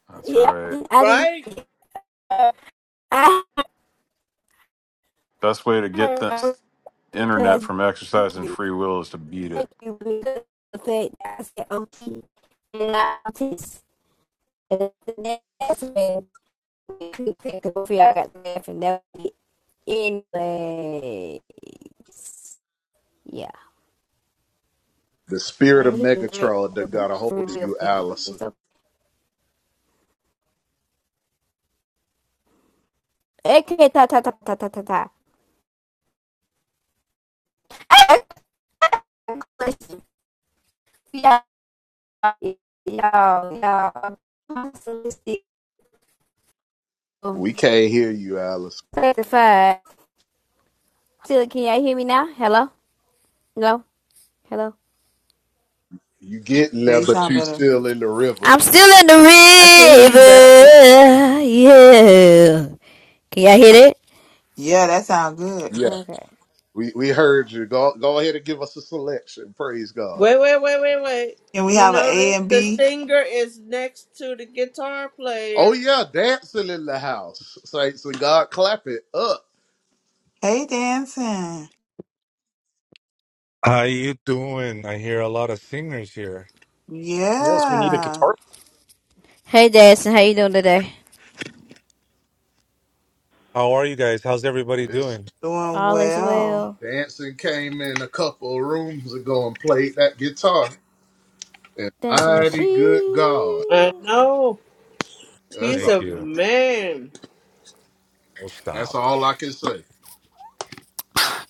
[SPEAKER 10] That's
[SPEAKER 7] yeah,
[SPEAKER 10] right.
[SPEAKER 7] didn't,
[SPEAKER 3] right?
[SPEAKER 7] I didn't,
[SPEAKER 10] Best way to
[SPEAKER 7] I
[SPEAKER 10] get this
[SPEAKER 7] heard
[SPEAKER 10] internet
[SPEAKER 7] because
[SPEAKER 10] from
[SPEAKER 7] Thank
[SPEAKER 10] exercising
[SPEAKER 7] you.
[SPEAKER 10] free will is to beat it.
[SPEAKER 7] thank you because of the fact that I said okay. And I just, and that's when we could pick up for you got to laugh and anyways. Yeah.
[SPEAKER 1] The spirit of
[SPEAKER 7] And he got
[SPEAKER 1] Megatron that
[SPEAKER 7] the
[SPEAKER 1] got a
[SPEAKER 7] free
[SPEAKER 1] hold of
[SPEAKER 7] will
[SPEAKER 1] you,
[SPEAKER 7] thingy. It's
[SPEAKER 1] Allison.
[SPEAKER 7] so, okay, ta ta ta ta ta ta ta. I got a question. Y'all, y'all, I'm so sick of-
[SPEAKER 1] We can't hear you, Allison.
[SPEAKER 7] Sanctified. Still, can y'all hear me now? Hello? Hello? Hello?
[SPEAKER 1] You getting
[SPEAKER 11] Yeah,
[SPEAKER 1] there,
[SPEAKER 11] you
[SPEAKER 1] but
[SPEAKER 11] sound
[SPEAKER 1] you
[SPEAKER 11] better.
[SPEAKER 1] still in the river.
[SPEAKER 7] I'm still in
[SPEAKER 3] I can hear
[SPEAKER 7] the
[SPEAKER 3] you better.
[SPEAKER 7] river. Yeah. Can y'all hear it?
[SPEAKER 11] Yeah, that sounds good.
[SPEAKER 1] Yeah,
[SPEAKER 7] Okay.
[SPEAKER 1] we, we heard you. Go go ahead and give us a selection. Praise God.
[SPEAKER 3] Wait, wait, wait, wait, wait.
[SPEAKER 11] Can we
[SPEAKER 3] You
[SPEAKER 11] have an
[SPEAKER 3] notice
[SPEAKER 11] A and
[SPEAKER 3] the
[SPEAKER 11] B?
[SPEAKER 3] singer is next to the guitar
[SPEAKER 1] Oh
[SPEAKER 3] player.
[SPEAKER 1] yeah, dancing in the house. Saints and God, clap it up.
[SPEAKER 11] Hey, dancing.
[SPEAKER 12] How you doing? I hear a lot of singers here.
[SPEAKER 13] Yes, we need a
[SPEAKER 11] Yeah,
[SPEAKER 13] guitar.
[SPEAKER 7] Hey, Dancing, how you doing today?
[SPEAKER 12] How are you guys? How's everybody
[SPEAKER 1] This
[SPEAKER 12] doing?
[SPEAKER 11] doing
[SPEAKER 7] All is
[SPEAKER 11] well.
[SPEAKER 7] well.
[SPEAKER 1] dancing came in a couple of rooms ago and played that guitar. And
[SPEAKER 7] Dancing
[SPEAKER 1] mighty
[SPEAKER 7] machine.
[SPEAKER 1] good God.
[SPEAKER 3] I know.
[SPEAKER 1] That's
[SPEAKER 3] He's
[SPEAKER 1] all,
[SPEAKER 12] Thank
[SPEAKER 3] a
[SPEAKER 12] you.
[SPEAKER 3] man.
[SPEAKER 12] Oh,
[SPEAKER 1] that's
[SPEAKER 12] stop.
[SPEAKER 1] all I can say.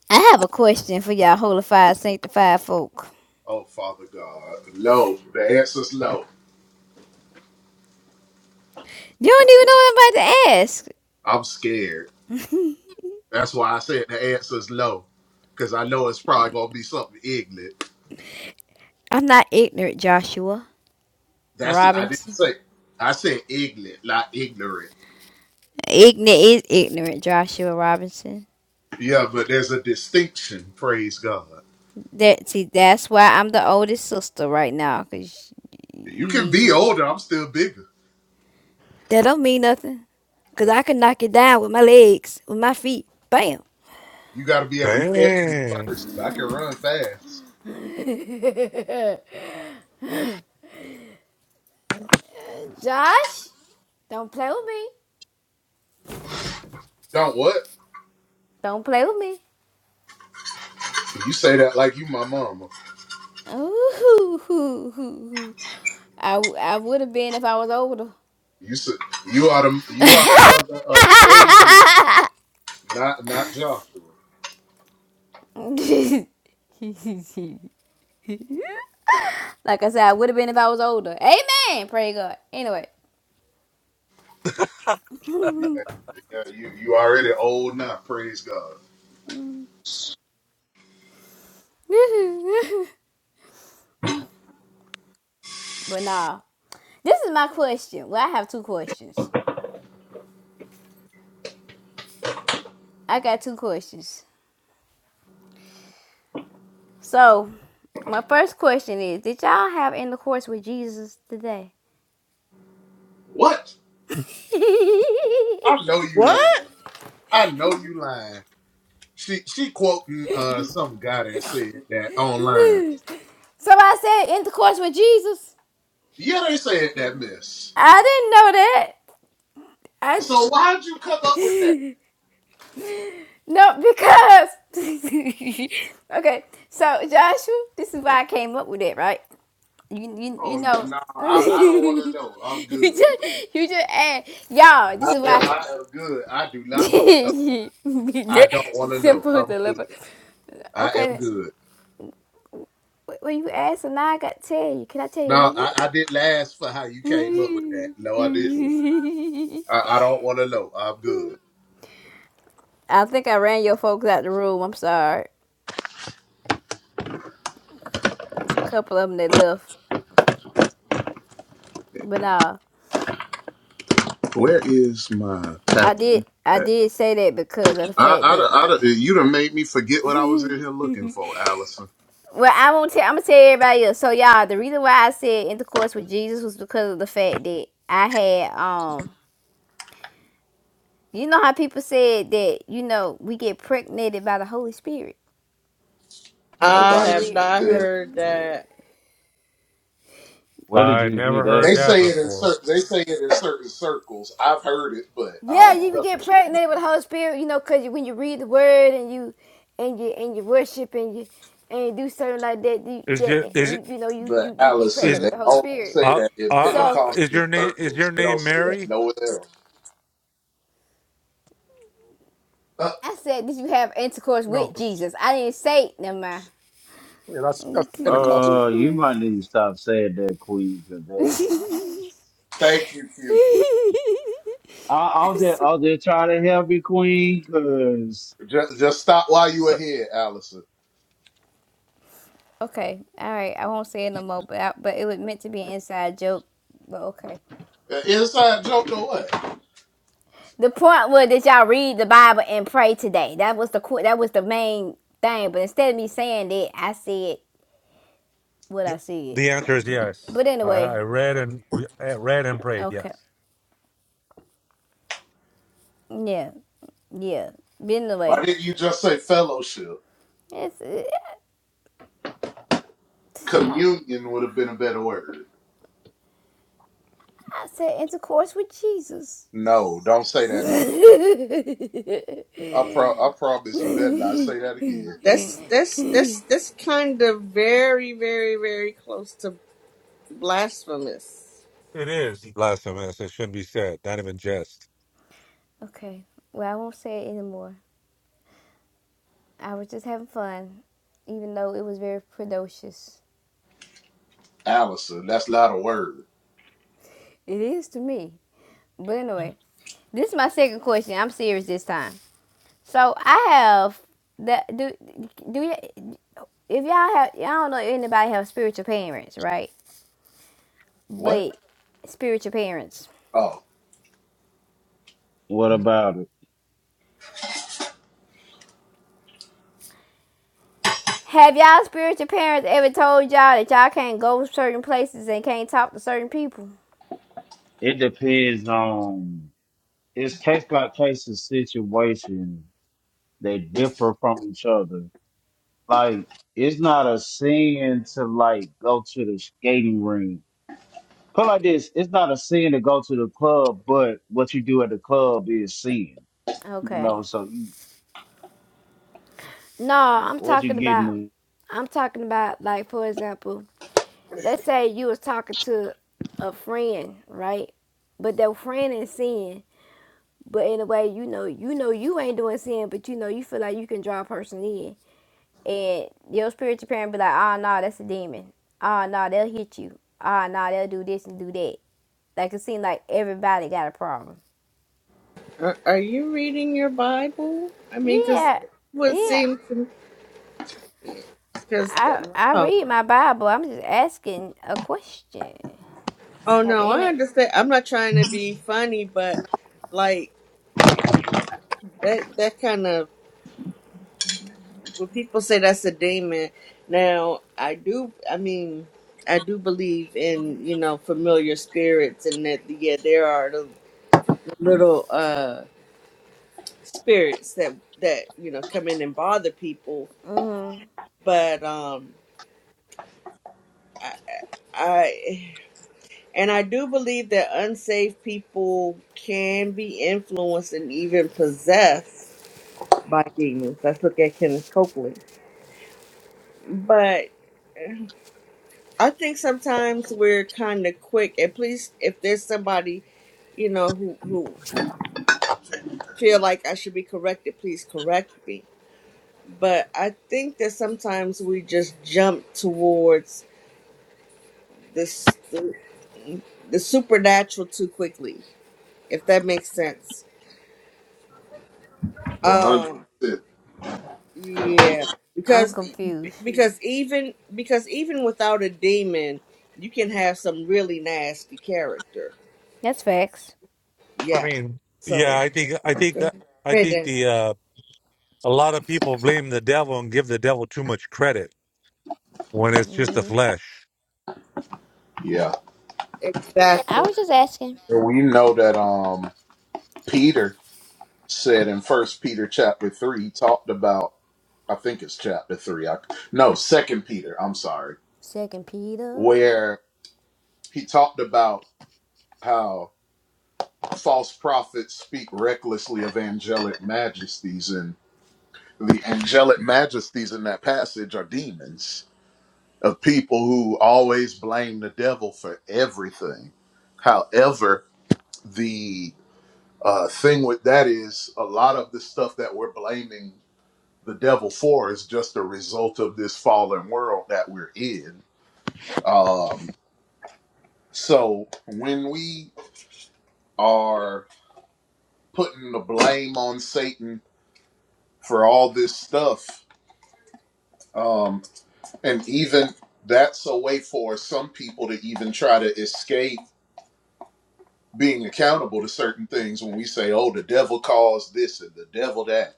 [SPEAKER 7] I have a question for y'all holified, sanctified folk.
[SPEAKER 1] Oh, Father God. Low. The answer's low.
[SPEAKER 7] You don't even know what I'm about to ask.
[SPEAKER 1] I'm scared. That's why I said the answer's low. Because I know it's probably going to be something ignorant.
[SPEAKER 7] I'm not ignorant, Joshua
[SPEAKER 1] That's I didn't
[SPEAKER 7] Robinson.
[SPEAKER 1] say. I said ignorant, not ignorant.
[SPEAKER 7] Ignorant is ignorant, Joshua Robinson.
[SPEAKER 1] Yeah, but there's a distinction, praise God.
[SPEAKER 7] That see, that's why I'm the oldest sister right now, cause
[SPEAKER 1] You
[SPEAKER 7] you
[SPEAKER 1] can
[SPEAKER 7] need
[SPEAKER 1] be
[SPEAKER 7] you.
[SPEAKER 1] older, I'm still bigger.
[SPEAKER 7] That don't mean nothing. Cause I can knock it down with my legs, with my feet. Bam.
[SPEAKER 1] You got to be able to catch me
[SPEAKER 12] Dang.
[SPEAKER 1] first. I can run fast.
[SPEAKER 7] Josh, don't play with me.
[SPEAKER 1] Don't what?
[SPEAKER 7] Don't play with me.
[SPEAKER 1] You say that like you my mama.
[SPEAKER 7] Ooh, hoo, hoo, hoo, hoo. I, I would have been if I was older.
[SPEAKER 1] You s- you are the you are the mother of Gabriel, not not Joshua.
[SPEAKER 7] like I said, I would have been if I was older. Amen. Pray God. Anyway.
[SPEAKER 1] Yeah, you you already old now. Praise God.
[SPEAKER 7] but nah. This is my question. Well, I have two questions. I got two questions. So, my first question is Did y'all have intercourse with Jesus today?
[SPEAKER 1] What? I know you lying.
[SPEAKER 3] What?
[SPEAKER 1] I know you lying. She she quoting uh some guy that said that online.
[SPEAKER 7] Somebody said intercourse with Jesus.
[SPEAKER 1] Yeah, they said that mess.
[SPEAKER 7] I didn't know that. I
[SPEAKER 1] So why'd you come up with that?
[SPEAKER 7] no because okay. So Joshua, this is why I came up with it, right? You you you
[SPEAKER 1] Oh no,
[SPEAKER 7] know.
[SPEAKER 1] no, I, I don't want
[SPEAKER 7] you
[SPEAKER 1] to know. I'm good.
[SPEAKER 7] just you just add y'all. This
[SPEAKER 1] I
[SPEAKER 7] is
[SPEAKER 1] am,
[SPEAKER 7] why.
[SPEAKER 1] I am good. I do
[SPEAKER 7] I,
[SPEAKER 1] not want to know. I don't want to know.
[SPEAKER 7] simple
[SPEAKER 1] I'm good.
[SPEAKER 7] deliver.
[SPEAKER 1] I am
[SPEAKER 7] Okay,
[SPEAKER 1] good.
[SPEAKER 7] Wh- When you asked, and now I got to tell you. Can I tell you a
[SPEAKER 1] No,
[SPEAKER 7] little
[SPEAKER 1] I,
[SPEAKER 7] bit?
[SPEAKER 1] I didn't ask for how you came up with that. No, I didn't. I, I don't want to know. I'm good.
[SPEAKER 7] I think I ran your folks out the room. I'm sorry. It was a couple of them that left, but uh,
[SPEAKER 1] Where is my
[SPEAKER 7] I
[SPEAKER 1] tablet?
[SPEAKER 7] did. I did say that because of the
[SPEAKER 1] I,
[SPEAKER 7] fact
[SPEAKER 1] I,
[SPEAKER 7] that.
[SPEAKER 1] done- I, done- you done made me forget what I was in here looking for, Allison.
[SPEAKER 7] Well, I won't tell. I'm gonna tell everybody else. So y'all, the reason why I said intercourse with Jesus was because of the fact that I had um. You know how people said that you know we get pregnant by the Holy Spirit
[SPEAKER 3] I
[SPEAKER 7] by
[SPEAKER 1] Nobody
[SPEAKER 3] have
[SPEAKER 7] re-
[SPEAKER 3] not
[SPEAKER 1] said
[SPEAKER 7] by
[SPEAKER 3] heard that.
[SPEAKER 4] Where did
[SPEAKER 12] I
[SPEAKER 4] you hear
[SPEAKER 12] never
[SPEAKER 4] that
[SPEAKER 12] heard
[SPEAKER 1] they
[SPEAKER 4] at?
[SPEAKER 12] that
[SPEAKER 1] say it in
[SPEAKER 12] before.
[SPEAKER 1] certain they say it in certain circles. I've heard it, but I
[SPEAKER 7] Yeah,
[SPEAKER 1] don't
[SPEAKER 7] you can get
[SPEAKER 1] fellowship with. It.
[SPEAKER 7] pregnant with the Holy Spirit, you know, cause you, when you read the Word and you and you and you worship and you and you do something like that, you,
[SPEAKER 12] Is
[SPEAKER 7] that
[SPEAKER 12] your is
[SPEAKER 7] you you know you,
[SPEAKER 1] But
[SPEAKER 7] you you get pregnant
[SPEAKER 1] Allison,
[SPEAKER 12] is
[SPEAKER 1] they
[SPEAKER 7] with the Holy
[SPEAKER 1] only
[SPEAKER 7] Spirit.
[SPEAKER 1] say
[SPEAKER 12] uh,
[SPEAKER 1] that
[SPEAKER 12] uh
[SPEAKER 1] in
[SPEAKER 12] uh
[SPEAKER 7] So
[SPEAKER 12] is
[SPEAKER 1] Pentecostal
[SPEAKER 12] your name is your
[SPEAKER 1] circles. They don't
[SPEAKER 12] name
[SPEAKER 1] say that
[SPEAKER 12] Mary?
[SPEAKER 1] nowhere else. Uh,
[SPEAKER 7] I said, did you have intercourse
[SPEAKER 12] No.
[SPEAKER 7] with Jesus? I didn't say it, never mind.
[SPEAKER 13] Yeah, that's that's Pentecostal.
[SPEAKER 4] Uh, you might need to stop saying that, Queen, 'cause that
[SPEAKER 1] thank you, Q.
[SPEAKER 4] I, I was there. I was there trying to help you, Queen. Cause
[SPEAKER 1] Just, just stop while you were
[SPEAKER 4] so-
[SPEAKER 1] here, Allison.
[SPEAKER 7] okay, all right, I won't say it no more. But I, but it was meant to be an inside joke. But okay.
[SPEAKER 1] Uh, Inside joke or what?
[SPEAKER 7] The point was that y'all read the Bible and pray today. That was the that was the main thing. But instead of me saying that, I said what I said.
[SPEAKER 12] The answer is yes.
[SPEAKER 7] But
[SPEAKER 12] I, I
[SPEAKER 7] anyway,
[SPEAKER 12] read and we I read and prayed.
[SPEAKER 7] okay,
[SPEAKER 12] Yes,
[SPEAKER 7] yeah, yeah. But anyway,
[SPEAKER 1] Why didn't you just say fellowship?
[SPEAKER 7] it's, it, I,
[SPEAKER 1] Communion would have been a better word.
[SPEAKER 7] I said intercourse with Jesus.
[SPEAKER 1] No, don't say that no more. I pro- I promise you better not say that again.
[SPEAKER 3] That's that's that's that's kind of very, very, very close to blasphemous.
[SPEAKER 12] it is blasphemous. It shouldn't be said. Not even jest.
[SPEAKER 7] okay. Well, I won't say it anymore. I was just having fun, even though it was very precocious.
[SPEAKER 1] Allison, that's not a word.
[SPEAKER 7] It is to me. But anyway, this is my second question. I'm serious this time. So I have that do do y- if y'all have I don't know if anybody have spiritual parents, right?
[SPEAKER 1] What?
[SPEAKER 7] But spiritual parents.
[SPEAKER 1] Oh,
[SPEAKER 4] what about it?
[SPEAKER 7] Have y'all spiritual parents ever told y'all that y'all can't go certain places and can't talk to certain people?
[SPEAKER 4] It depends on it's case by case of situation. They differ from each other. Like it's not a sin to like go to the skating ring. Put it like this, it's not a sin to go to the club, but what you do at the club is sin. You
[SPEAKER 7] Okay.
[SPEAKER 4] know, so you,
[SPEAKER 7] No, I'm
[SPEAKER 4] what you
[SPEAKER 7] talking about
[SPEAKER 4] getting?
[SPEAKER 7] I'm talking about like for example, let's say you was talking to a friend, right? But that friend is sin. But in a way, you know, you know you ain't doing sin, but you know you feel like you can draw a person in, and your spiritual parent be like, ah, no, nah, that's a demon. Ah, no, nah, they'll hit you. Ah, no, nah, they'll do this and do that. Like it seems like everybody got a problem.
[SPEAKER 3] Are, are you reading your Bible? I mean, because
[SPEAKER 7] Yeah,
[SPEAKER 3] it would
[SPEAKER 7] yeah.
[SPEAKER 3] seem to because
[SPEAKER 7] I I
[SPEAKER 3] wow.
[SPEAKER 7] read my Bible. I'm just asking a question.
[SPEAKER 3] Oh
[SPEAKER 7] Have
[SPEAKER 3] no, I
[SPEAKER 7] any?
[SPEAKER 3] understand. I'm not trying to be funny, but like That that kind of when people say that's a daemon. Now I do. I mean, I do believe in you know familiar spirits, and that yeah, there are the little uh spirits that that you know come in and bother people. But um, I, I and I do believe that unsafe people can be influenced and even possessed by demons. Let's look at Kenneth Copeland, but. I think sometimes we're kind of quick, and please, if there's somebody, you know, who who feel like I should be corrected, please correct me. But I think that sometimes we just jump towards this the, the supernatural too quickly, if that makes sense.
[SPEAKER 1] 100%.
[SPEAKER 3] Um, yeah,
[SPEAKER 7] I'm
[SPEAKER 3] because
[SPEAKER 7] confused.
[SPEAKER 3] because even because even without a demon, you can have some really nasty character.
[SPEAKER 7] That's facts.
[SPEAKER 12] I
[SPEAKER 3] Yeah,
[SPEAKER 12] mean,
[SPEAKER 3] so.
[SPEAKER 12] yeah. I think I think that I think
[SPEAKER 3] Hidden.
[SPEAKER 12] the uh A lot of people blame the devil and give the devil too much credit when it's just the
[SPEAKER 7] hmm
[SPEAKER 12] flesh.
[SPEAKER 1] Yeah.
[SPEAKER 7] I
[SPEAKER 3] Exactly.
[SPEAKER 7] was just asking.
[SPEAKER 1] And we know that um Peter said in First Peter chapter 3, he talked about, I think it's chapter 3. I, no, Second Peter, I'm sorry,
[SPEAKER 7] Second Peter.
[SPEAKER 1] where he talked about how false prophets speak recklessly of angelic majesties, and the angelic majesties in that passage are demons of people who always blame the devil for everything. However, the uh, thing with that is a lot of the stuff that we're blaming the devil for is just a result of this fallen world that we're in. Um, so when we are putting the blame on Satan for all this stuff, Um, and even that's a way for some people to even try to escape being accountable to certain things when we say, oh, the devil caused this and the devil that.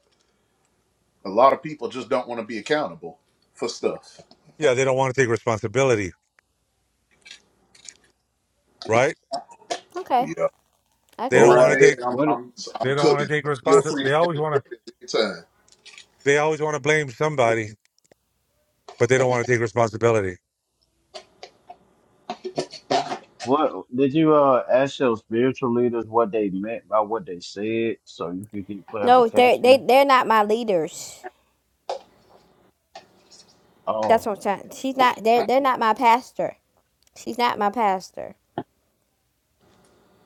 [SPEAKER 1] A lot of people just don't want to be accountable for stuff.
[SPEAKER 12] Yeah, they don't want to take responsibility, right?
[SPEAKER 7] Okay,
[SPEAKER 1] Yeah.
[SPEAKER 7] I
[SPEAKER 12] They
[SPEAKER 7] can
[SPEAKER 1] Go
[SPEAKER 12] don't
[SPEAKER 7] take
[SPEAKER 12] want
[SPEAKER 1] right
[SPEAKER 7] that.
[SPEAKER 12] to
[SPEAKER 1] ahead.
[SPEAKER 12] take
[SPEAKER 1] I'm,
[SPEAKER 4] What
[SPEAKER 1] I'm,
[SPEAKER 12] they
[SPEAKER 1] I'm
[SPEAKER 12] don't want
[SPEAKER 1] cooking.
[SPEAKER 12] to take
[SPEAKER 1] Feel
[SPEAKER 12] responsibility.
[SPEAKER 1] free to
[SPEAKER 12] They always want to
[SPEAKER 1] interject at any time.
[SPEAKER 12] they always want to blame somebody, but they don't want to take responsibility.
[SPEAKER 4] What did you uh ask your spiritual leaders what they meant by what they said so you could get
[SPEAKER 7] No, they they
[SPEAKER 4] clarification?
[SPEAKER 7] they're not my leaders. That's
[SPEAKER 4] Oh,
[SPEAKER 7] what I'm saying. She's not. They're they're not my pastor. She's not my pastor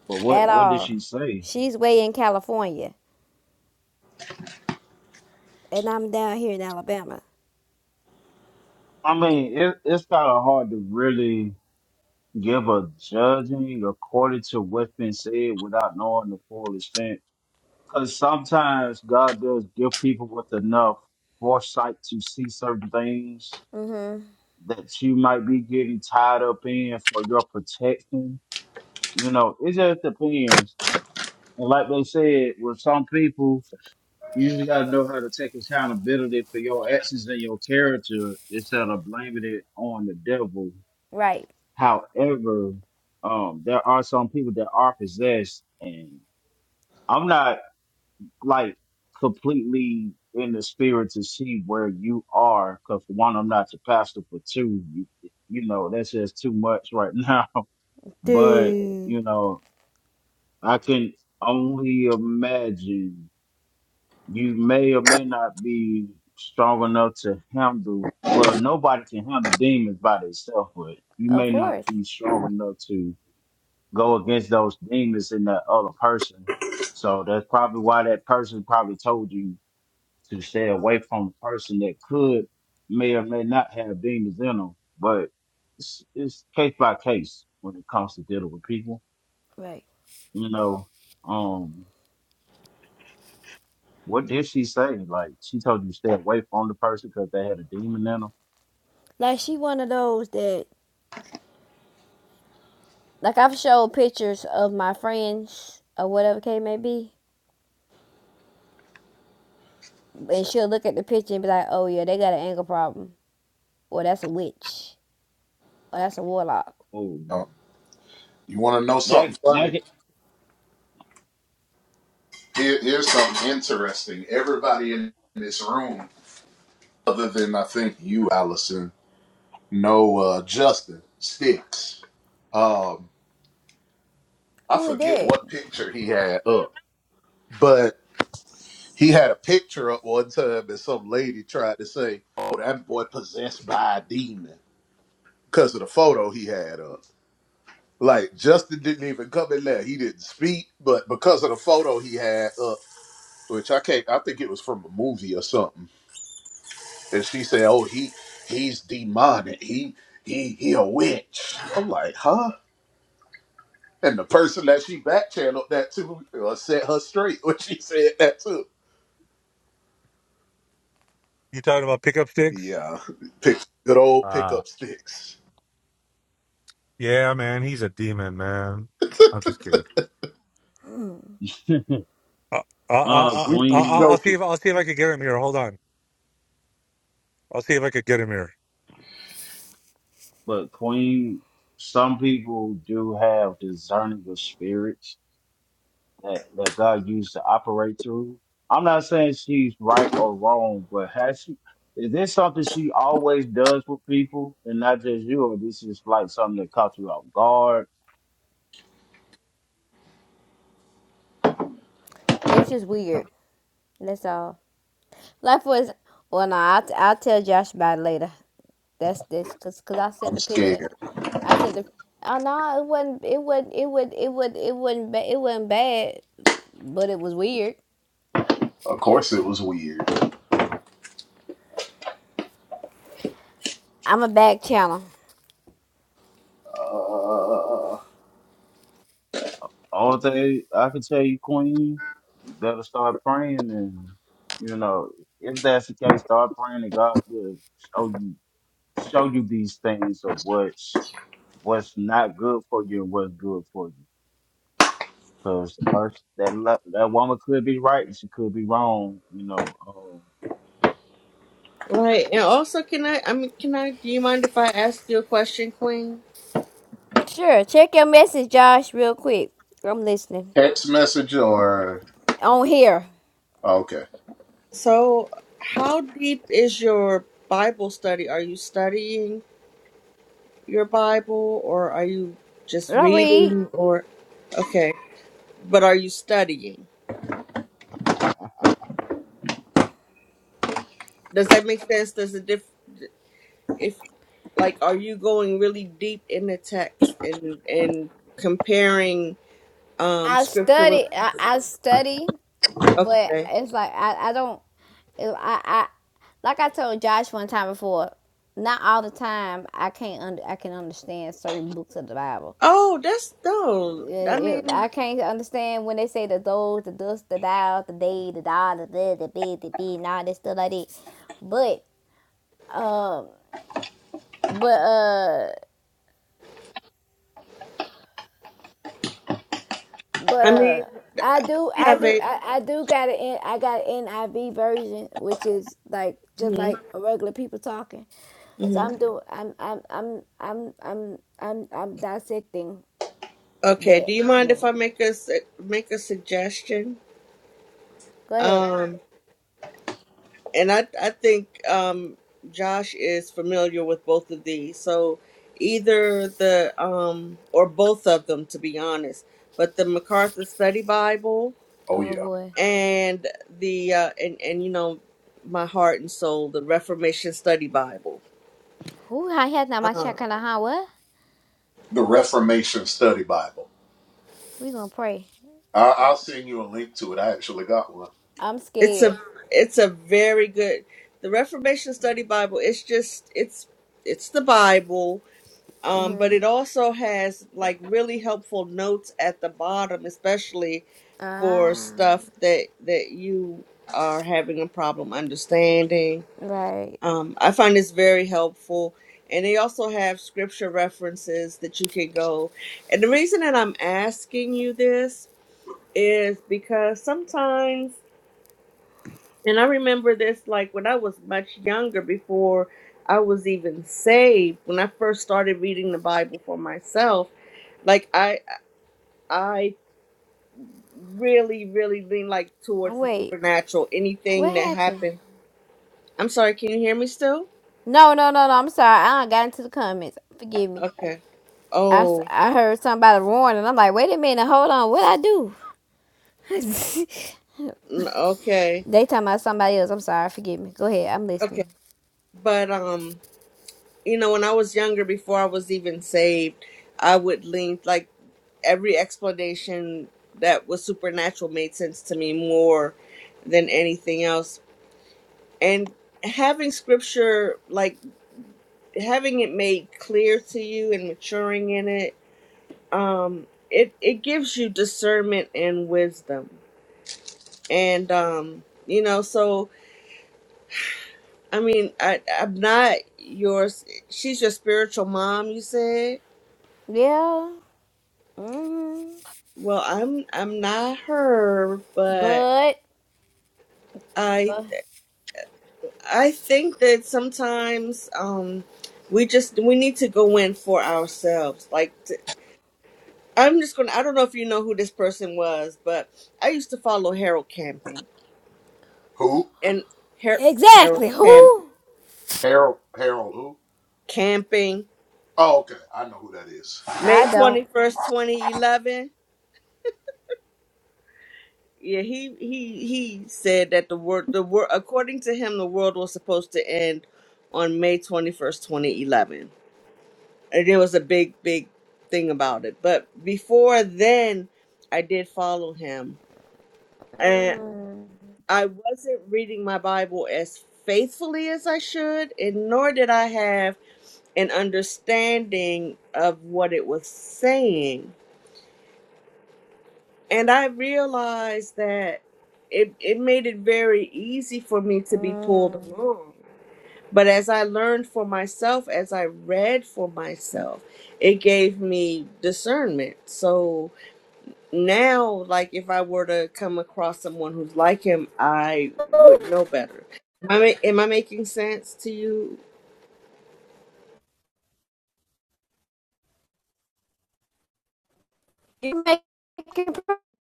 [SPEAKER 4] but
[SPEAKER 7] at
[SPEAKER 4] what what did
[SPEAKER 7] all.
[SPEAKER 4] she say?
[SPEAKER 7] She's way in California, and I'm down here in Alabama.
[SPEAKER 4] I mean, it, it's kind of hard to really give a judging according to what's been said without knowing the full extent. Because sometimes God does give people with enough foresight to see certain things that you might be getting tied up in for your protection. You know, it just depends And like they said, with some people, you usually got to know how to take accountability for your actions and your character instead of blaming it on the devil.
[SPEAKER 7] Right.
[SPEAKER 4] However, um, there are some people that are possessed, and I'm not like completely in the spirit to see where you are. Because for one, I'm not your pastor. For two, you, you know that's just too much right now. But
[SPEAKER 7] Dude.
[SPEAKER 4] you know, I can only imagine you may or may not be strong enough to handle well nobody can handle demons by themselves but you
[SPEAKER 7] Of
[SPEAKER 4] may not
[SPEAKER 7] course.
[SPEAKER 4] be strong enough to go against those demons in that other person so that's probably why that person probably told you to stay away from a person that could may or may not have demons in them but it's, it's case by case when it comes to dealing with people
[SPEAKER 7] Right.
[SPEAKER 4] you know um What did she say? Like she told you to stay away from the person because they had a demon in them.
[SPEAKER 7] Like she one of those that like I've showed pictures of my friends or whatever case may be, and she'll look at the picture and be like, "Oh yeah, they got an anger problem, or that's a witch, or that's a warlock."
[SPEAKER 4] Oh,
[SPEAKER 1] Um, you want to know something
[SPEAKER 4] that
[SPEAKER 1] funny?
[SPEAKER 4] that
[SPEAKER 1] Here, here's something interesting. Everybody in this room, other than I think you, Allison, No, uh, Justin Sticks. Um, I
[SPEAKER 7] Who it
[SPEAKER 1] forget
[SPEAKER 7] did?
[SPEAKER 1] what picture he had up, but he had a picture up one time, and some lady tried to say, "Oh, that boy possessed by a demon," because of the photo he had up. Like Justin didn't even come in there; he didn't speak, but because of the photo he had up, which I can't, I think it was from a movie or something, and she said, "Oh, he he's demonic. He he he a witch." I'm like, huh? And the person that she back channeled that to uh, set her straight when she said that too.
[SPEAKER 12] You talking about pickup sticks?
[SPEAKER 1] Yeah, pick good old
[SPEAKER 12] Uh,
[SPEAKER 1] pickup sticks.
[SPEAKER 12] yeah, man, he's a demon, man. I'm just kidding.
[SPEAKER 4] could-
[SPEAKER 12] Uh, I,
[SPEAKER 4] uh
[SPEAKER 12] I,
[SPEAKER 1] we
[SPEAKER 12] I,
[SPEAKER 1] we
[SPEAKER 12] I-
[SPEAKER 4] Queen,
[SPEAKER 12] I'll see
[SPEAKER 1] joking.
[SPEAKER 12] if I'll see if I could get him here. Hold on, I'll see if I could get him here.
[SPEAKER 4] but Queen. Some people do have discerning of spirits that that God used to operate through. I'm not saying she's right or wrong, but has she? Is this something she always does with people, and not just you, or this is like something that caught you off guard?
[SPEAKER 7] It's just weird. That's all. Like for well, no, I'll, I'll tell Josh about it later. That's this because cause I sent
[SPEAKER 1] I'm
[SPEAKER 7] the picture.
[SPEAKER 1] scared.
[SPEAKER 7] I sent the. Oh no, it wasn't. It wasn't. It would. It would. It wasn't. Ba- it wasn't bad, but it was weird.
[SPEAKER 1] Of course, it was weird.
[SPEAKER 7] I'm a back channel.
[SPEAKER 1] Uh,
[SPEAKER 4] All thing I can tell you, Queen, you better start praying, and you know if that's the case, start praying and God will show you show you these things of what's what's not good for you and what's good for you. Because the person that lo- that woman could be right, and she could be wrong. You know,
[SPEAKER 3] Right. And also can I I mean can I do you mind if I ask you a question, Queen?
[SPEAKER 7] Sure, check your message, Josh, real quick. I'm listening.
[SPEAKER 1] text message or
[SPEAKER 7] On here,
[SPEAKER 1] okay.
[SPEAKER 3] So how deep is your Bible study? Are you studying your Bible or are you just
[SPEAKER 7] I read.
[SPEAKER 3] reading or okay. But are you studying?
[SPEAKER 4] Um,
[SPEAKER 3] Does that make sense? Does it diff if like are you going really deep in the text and and comparing um
[SPEAKER 7] I
[SPEAKER 3] scripture with
[SPEAKER 7] study. I, I study, but
[SPEAKER 3] okay
[SPEAKER 7] it's like I. I don't. I. I. Like I told Josh one time before. Not all the time I can't. Under, I can understand certain books of the Bible
[SPEAKER 3] Oh, that's no. I
[SPEAKER 7] It,
[SPEAKER 3] mean,
[SPEAKER 7] I can't understand when they say the those, the dust, the thou, the day the da, the the, the be, the be, and all this stuff like that. But, but, uh, but,
[SPEAKER 3] I mean,
[SPEAKER 7] uh, I do, I
[SPEAKER 3] have
[SPEAKER 7] do,
[SPEAKER 3] it.
[SPEAKER 7] I, I do got an, I got an NIV version, which is like just
[SPEAKER 3] hmm
[SPEAKER 7] like regular people talking. So
[SPEAKER 3] hmm
[SPEAKER 7] I'm doing, I'm, I'm, I'm, I'm, I'm, I'm, I'm dissecting
[SPEAKER 3] Okay.
[SPEAKER 7] that
[SPEAKER 3] Do you mind if
[SPEAKER 7] more.
[SPEAKER 3] I make a su- make a suggestion?
[SPEAKER 7] Go ahead.
[SPEAKER 3] Um, and I I think um Josh is familiar with both of these, so either the um or both of them, to be honest. But the MacArthur Study Bible
[SPEAKER 1] Oh
[SPEAKER 7] Oh
[SPEAKER 1] yeah,
[SPEAKER 7] boy,
[SPEAKER 3] and the uh, and and you know my heart and soul, the Reformation Study Bible.
[SPEAKER 7] who I had now my
[SPEAKER 3] Um,
[SPEAKER 7] check on the high? What?
[SPEAKER 1] the Reformation Study Bible.
[SPEAKER 7] We gonna pray.
[SPEAKER 1] I,
[SPEAKER 7] I'm,
[SPEAKER 1] I'll send you a link to it. I actually got one.
[SPEAKER 7] I'm
[SPEAKER 3] It's
[SPEAKER 7] scared.
[SPEAKER 3] a it's a very good the Reformation Study Bible. It's just it's it's the Bible, um, but it also has like really helpful notes at the bottom, especially for
[SPEAKER 7] Ah,
[SPEAKER 3] stuff that that you are having a problem understanding.
[SPEAKER 7] right.
[SPEAKER 3] Um, I find this very helpful. And they also have scripture references that you can go. And the reason that I'm asking you this is because sometimes and I remember this like when I was much younger, before I was even saved, when I first started reading the Bible for myself, like I I really, really lean like
[SPEAKER 7] Oh,
[SPEAKER 3] towards the
[SPEAKER 7] Wait,
[SPEAKER 3] supernatural. Anything
[SPEAKER 7] what
[SPEAKER 3] that
[SPEAKER 7] happened?
[SPEAKER 3] happened. I'm sorry, can you hear me still?
[SPEAKER 7] No, no, no, no. I'm sorry. I done got into the comments. Forgive me.
[SPEAKER 3] Okay.
[SPEAKER 7] I, s-
[SPEAKER 3] Oh,
[SPEAKER 7] I heard somebody roaring, and I'm like, wait a minute, hold on. What I do?
[SPEAKER 3] n- okay.
[SPEAKER 7] they talking about somebody else. I'm sorry. Forgive me. Go ahead. I'm
[SPEAKER 3] Okay.
[SPEAKER 7] listening.
[SPEAKER 3] But um you know, when I was younger, before I was even saved, I would lean like every explanation that was supernatural made sense to me more than anything else. And having scripture, like having it made clear to you and maturing in it, um, it it gives you discernment and wisdom. And um, you know, so I mean, I I'm not yours. She's your spiritual mom, you said.
[SPEAKER 7] Yeah. hmm
[SPEAKER 3] Well, I'm I'm not her, but
[SPEAKER 7] But,
[SPEAKER 3] I
[SPEAKER 7] but
[SPEAKER 3] I think that sometimes um we just we need to go in for ourselves. Like t I'm just gonna I don't know if you know who this person was, but I used to follow Harold Camping
[SPEAKER 1] Who?
[SPEAKER 3] and Har- Harold
[SPEAKER 7] exactly
[SPEAKER 3] Camp
[SPEAKER 7] who?
[SPEAKER 1] Harold. Harold. Who?
[SPEAKER 3] Camping
[SPEAKER 1] Oh, okay. I know who that is.
[SPEAKER 3] May
[SPEAKER 7] I don't.
[SPEAKER 3] twenty first, twenty eleven. Yeah, he he he said that the world the world according to him the world was supposed to end on May twenty first, twenty eleven and it was a big big thing about it but before then i did follow him and
[SPEAKER 7] Mm,
[SPEAKER 3] i wasn't reading my bible as faithfully as i should and nor did i have an understanding of what it was saying and i realized that it, it made it very easy for me to be pulled
[SPEAKER 7] mm.
[SPEAKER 3] along but as i learned for myself as i read for myself it gave me discernment so now like if i were to come across someone who's like him i would know better am i, ma- am I making sense to you
[SPEAKER 7] You making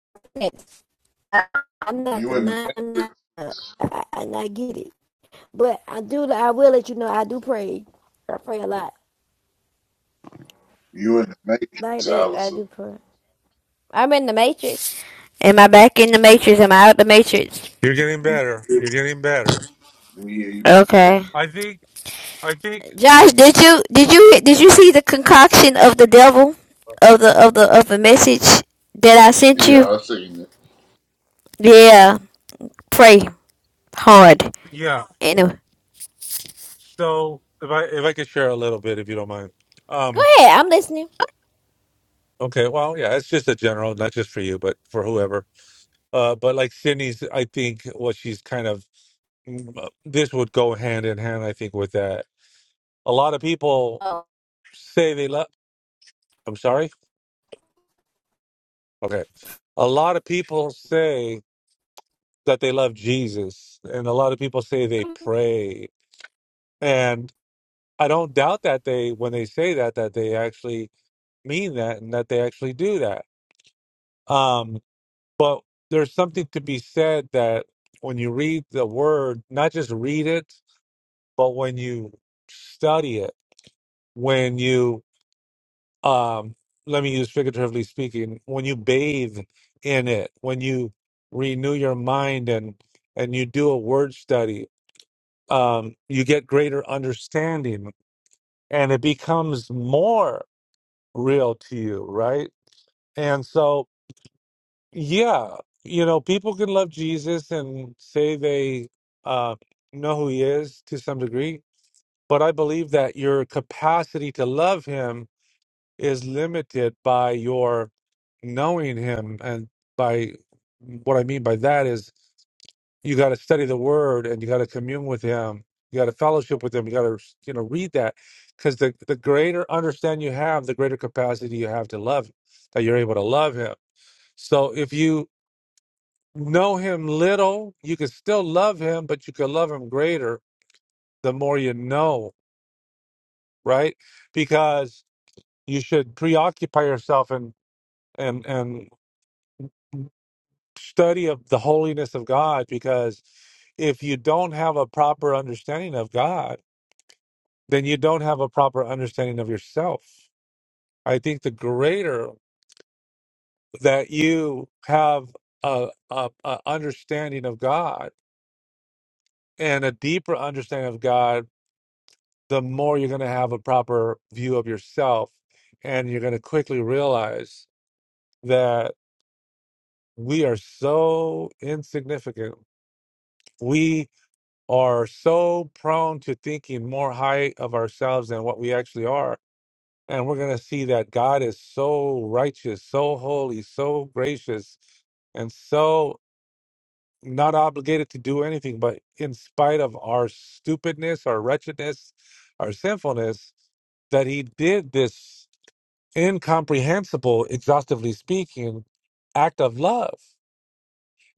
[SPEAKER 7] I, I'm not
[SPEAKER 1] You in the
[SPEAKER 7] denying that,
[SPEAKER 1] Matrix.
[SPEAKER 7] uh, I, and I get it, but I do. I will let you know. I do pray. I pray a lot.
[SPEAKER 1] You in the
[SPEAKER 7] Like
[SPEAKER 1] Matrix,
[SPEAKER 7] that, I
[SPEAKER 1] Allison.
[SPEAKER 7] do pray. I'm in the matrix. Am I back in the matrix? Am I out the matrix?
[SPEAKER 12] You're getting
[SPEAKER 1] We.
[SPEAKER 12] better. You're getting better.
[SPEAKER 1] Yeah, you-
[SPEAKER 7] Okay.
[SPEAKER 12] I think. I think.
[SPEAKER 7] Josh, did you did you did you see the concoction of the devil of the of the of the message that I sent
[SPEAKER 1] yeah,
[SPEAKER 7] you?
[SPEAKER 1] I seen it.
[SPEAKER 7] Yeah, pray hard.
[SPEAKER 12] Yeah,
[SPEAKER 7] Anyway,
[SPEAKER 12] So if I if I could share a little bit, if you don't mind.
[SPEAKER 7] go
[SPEAKER 12] Um,
[SPEAKER 7] ahead. I'm listening.
[SPEAKER 12] okay, well, yeah, it's just a general, not just for you, but for whoever. Uh, but like Sydney's, I think what she's kind of mm, uh, this would go hand in hand, I think, with that. A lot of people
[SPEAKER 7] Oh.
[SPEAKER 12] say they love. I'm sorry. Okay, a lot of people say that they love Jesus, and a lot of people say they pray, and I don't doubt that they when they say that that they actually mean that and that they actually do that. Um. But there's something to be said that when you read the word, not just read it, but when you study it, when you, um, let me use figuratively speaking, when you bathe in it, when you renew your mind and and you do a word study, um, you get greater understanding, and it becomes more real to you, right? And so Yeah, you know, people can love Jesus and say they uh, know who he is to some degree, but I believe that your capacity to love him is limited by your knowing him. And by what I mean by that is you got to study the word and you got to commune with him. You got to fellowship with him. You got to, you know, read that because the, the greater understanding you have, the greater capacity you have to love, that you're able to love him. So if you know him little, you can still love him, but you can love him greater the more you know, right? Because you should preoccupy yourself and and and study of the holiness of God because if you don't have a proper understanding of God, then you don't have a proper understanding of yourself. I think the greater that you have a, a, a understanding of God and a deeper understanding of God the more you're going to have a proper view of yourself. And you're going to quickly realize that we are so insignificant. We are so prone to thinking more high of ourselves than what we actually are. And we're going to see that God is so righteous, so holy, so gracious, and so not obligated to do anything. But in spite of our stupidness, our wretchedness, our sinfulness, that He did this incomprehensible, exhaustively speaking, act of love.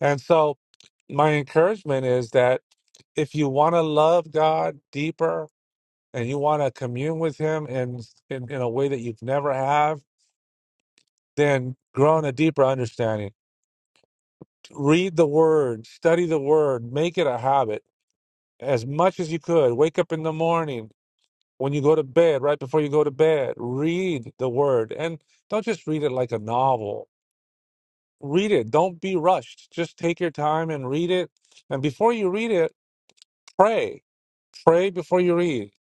[SPEAKER 12] And so, my encouragement is that if you want to love God deeper and you want to commune with Him in, in, in a way that you've never have, then grow in a deeper understanding. Read the Word, study the Word, make it a habit as much as you could. Wake up in the morning. When you go to bed, right before you go to bed, read the word. And don't just read it like a novel read it. Don't be rushed. Just take your time and read it. And before you read it, pray. Pray before you read.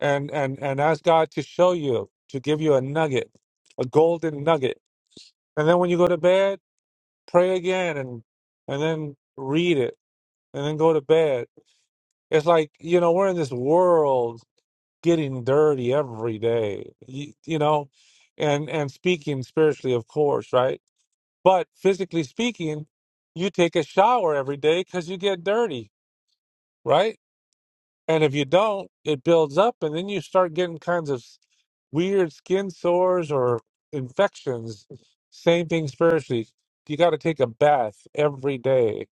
[SPEAKER 12] And and and ask God to show you, to give you a nugget, a golden nugget. And then when you go to bed, pray again and and then read it and then go to bed. It's like, you know, we're in this world getting dirty every day. You, you know, and and speaking spiritually, of course, right? But physically speaking, you take a shower every day because you get dirty, right? And if you don't, it builds up, and then you start getting kinds of s- weird skin sores or infections. Same thing spiritually. You got to take a bath every day,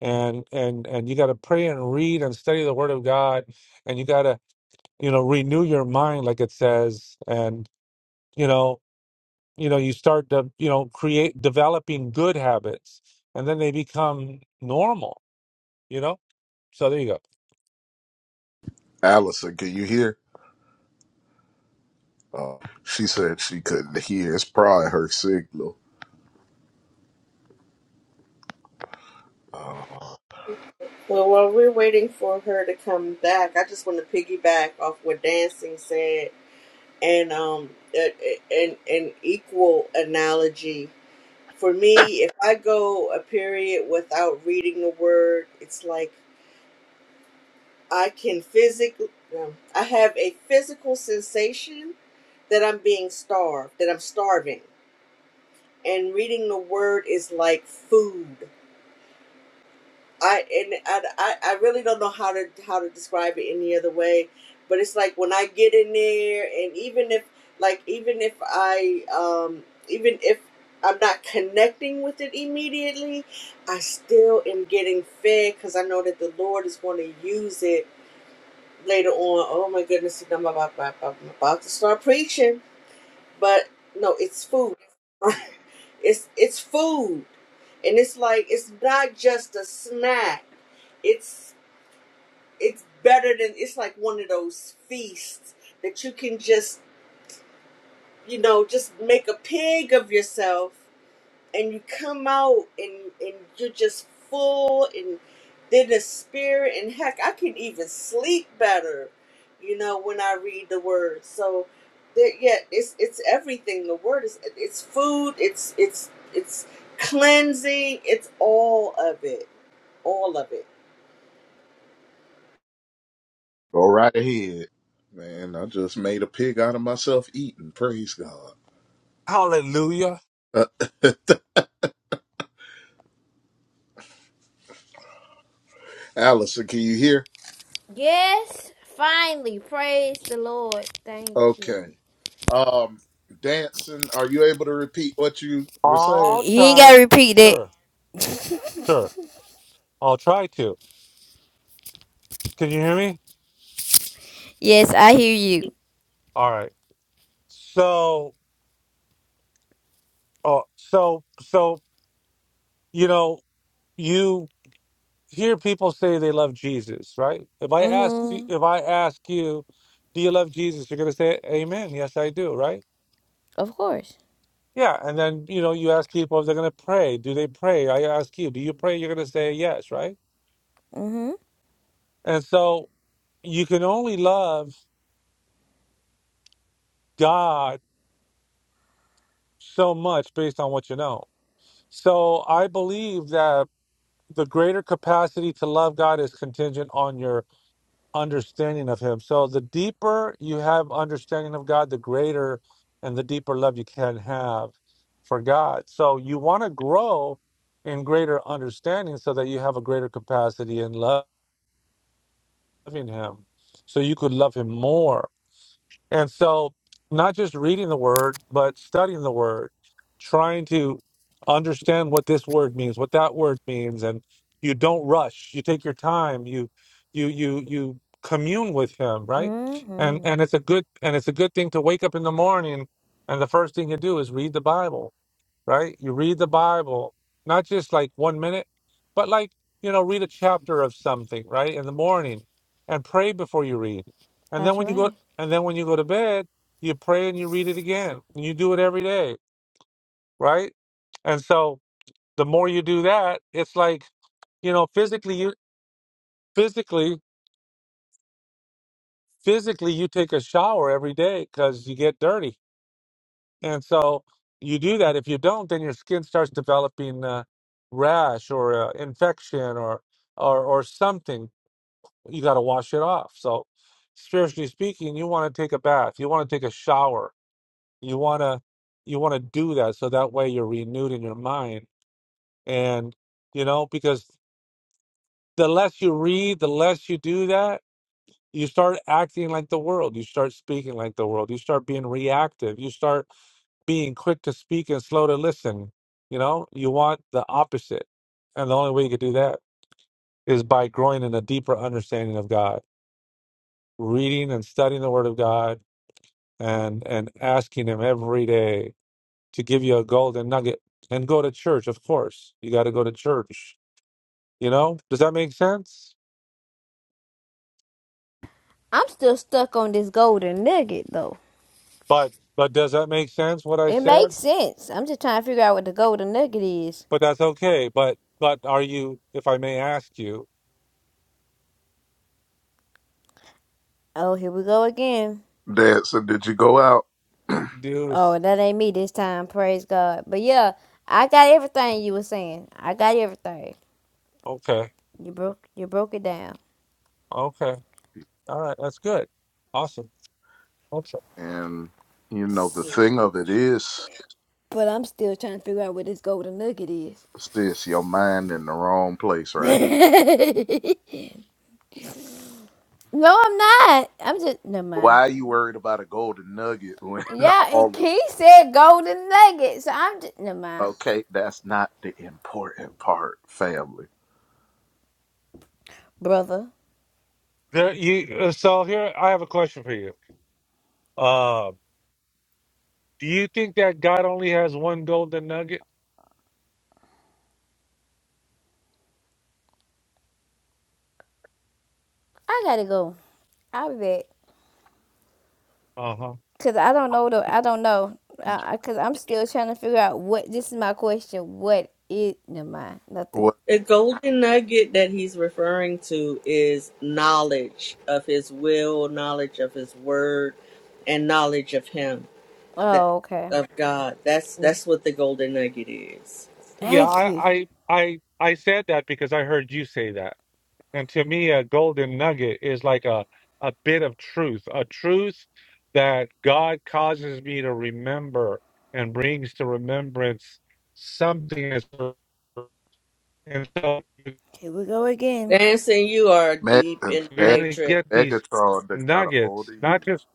[SPEAKER 12] and and and you got to pray and read and study the Word of God, and you got to you know renew your mind, like it says, and you know you know you start to you know create developing good habits and then they become normal you know so there you go
[SPEAKER 1] Allison, can you hear? Uh, she said she couldn't hear. It's probably her signal. Uh,
[SPEAKER 3] well while we're waiting for her to come back i just want to piggyback off what dancing said and um a- a- an, an equal analogy for me if i go a period without reading the word it's like i can physically i have a physical sensation that i'm being starved that i'm starving and reading the word is like food. I and I, I I really don't know how to how to describe it any other way, but it's like when I get in there, and even if like even if I um even if I'm not connecting with it immediately, I still am getting fed because I know that the Lord is going to use it later on. Oh my goodness, I'm about, about, about to start preaching but no, it's food. it's it's food, and it's like it's not just a snack. It's it's better than it's like one of those feasts that you can just you know just make a pig of yourself and you come out and and you're just full and then the spirit and heck i can even sleep better you know when i read the word so there yeah it's it's everything the word is it's food it's it's it's cleansing it's all of it all of it
[SPEAKER 1] go right ahead. Man, I just made a pig out of myself eating. Praise God.
[SPEAKER 12] hallelujah
[SPEAKER 1] Uh, Allison, can you hear?
[SPEAKER 7] Yes, finally. Praise the Lord. Thank you.
[SPEAKER 1] Okay. Um, dancing, are you able to repeat what you were saying?
[SPEAKER 12] i'll
[SPEAKER 7] You ain't
[SPEAKER 12] try
[SPEAKER 7] gotta repeat that.
[SPEAKER 12] sure sure i'll try to can you hear me
[SPEAKER 7] Yes, I hear you.
[SPEAKER 12] all right so uh, so so you know you hear people say they love jesus right if i ask you-
[SPEAKER 7] Mm-hmm.
[SPEAKER 12] if i ask you do you love jesus you're going to say amen yes i do right
[SPEAKER 7] Of course.
[SPEAKER 12] Yeah, and then you know, you ask people if they're going to pray. Do they pray? I ask you, do you pray? You're going to say yes, right?
[SPEAKER 7] Mm-hmm.
[SPEAKER 12] And so you can only love God so much based on what you know. So I believe that the greater capacity to love God is contingent on your understanding of Him. So the deeper you have understanding of God, the greater and the deeper love you can have for God. So you want to grow in greater understanding so that you have a greater capacity in love. loving him so you could love him more. And so, not just reading the word, but studying the word, trying to understand what this word means, what that word means. And you don't rush, you take your time, you, you, you, you commune with him, right? And,
[SPEAKER 7] Mm-hmm.
[SPEAKER 12] and it's a good, and it's a good thing to wake up in the morning and the first thing you do is read the Bible right? You read the Bible, not just like one minute, but like, you know, read a chapter of something, right? In the morning and pray before you read. And then
[SPEAKER 7] That's
[SPEAKER 12] when you go
[SPEAKER 7] right.
[SPEAKER 12] and then when you go to bed, you pray and you read it again. And you do it every day, right? And so the more you do that, it's like, you know, physically you physically physically you take a shower every day cuz you get dirty And so you do that. If you don't, then your skin starts developing uh, rash or uh, infection or or or something. You got to wash it off. So spiritually speaking, you want to take a bath. You want to take a shower. You want to you want to do that so that way you're renewed in your mind. And you know because the less you read, the less you do that, you start acting like the world. You start speaking like the world. You start being reactive. You start being quick to speak and slow to listen. You know, you want the opposite. And the only way you could do that is by growing in a deeper understanding of God, reading and studying the Word of God, and and asking Him every day to give you a golden nugget. And go to church, of course. You got to go to church. You know, does that make sense?
[SPEAKER 7] I'm still stuck on this golden nugget though.
[SPEAKER 12] But but does that make sense? What I
[SPEAKER 7] It makes
[SPEAKER 12] said?
[SPEAKER 7] sense. I'm just trying to figure out what the golden nugget is.
[SPEAKER 12] But that's okay. But but are you? If I may ask you,
[SPEAKER 7] Oh, here we go again.
[SPEAKER 1] Dancing, did you go out?
[SPEAKER 12] do
[SPEAKER 7] Oh, that ain't me this time. Praise God. But yeah, I got everything you were saying. I got everything.
[SPEAKER 12] okay,
[SPEAKER 7] You broke you broke it down.
[SPEAKER 12] okay, all right, that's good, awesome. Okay.
[SPEAKER 1] and, you know, the thing of it is,
[SPEAKER 7] But I'm still trying to figure out what this golden nugget is.
[SPEAKER 1] sis, your mind in the wrong place right
[SPEAKER 7] No, I'm not. I'm just no
[SPEAKER 1] Why
[SPEAKER 7] mind.
[SPEAKER 1] are you worried about a golden nugget when
[SPEAKER 7] Yeah, and
[SPEAKER 1] all
[SPEAKER 7] Key said golden nuggets. So I'm just no mind,
[SPEAKER 1] okay, that's not the important part, family.
[SPEAKER 7] brother.
[SPEAKER 12] There, you, uh, so here, I have a question for you. Uh, do you think that God only has one golden nugget?
[SPEAKER 7] I gotta go. I'll be back
[SPEAKER 12] Uh huh.
[SPEAKER 7] because I don't know the. I don't know because I'm still trying to figure out what. This is my question. What is no mind? Nothing.
[SPEAKER 1] What
[SPEAKER 3] the golden nugget that he's referring to is knowledge of his will knowledge of his word and knowledge of him that
[SPEAKER 7] Oh, okay.
[SPEAKER 3] of God. That's that's what the golden nugget is.
[SPEAKER 12] Yeah,
[SPEAKER 7] Thank
[SPEAKER 12] I,
[SPEAKER 7] you.
[SPEAKER 12] I, I, I said that because I heard you say that, and to me, a golden nugget is like a a bit of truth, a truth that God causes me to remember and brings to remembrance something. As, well. and so
[SPEAKER 7] Here we go again.
[SPEAKER 3] Dancing, you are
[SPEAKER 1] Meg
[SPEAKER 3] deep
[SPEAKER 1] and
[SPEAKER 3] in the
[SPEAKER 12] you're
[SPEAKER 1] Meg-
[SPEAKER 12] gonna
[SPEAKER 3] matrix.
[SPEAKER 12] get these
[SPEAKER 1] Megatron that got a hold
[SPEAKER 12] nuggets,
[SPEAKER 1] of
[SPEAKER 12] not
[SPEAKER 1] you.
[SPEAKER 12] just.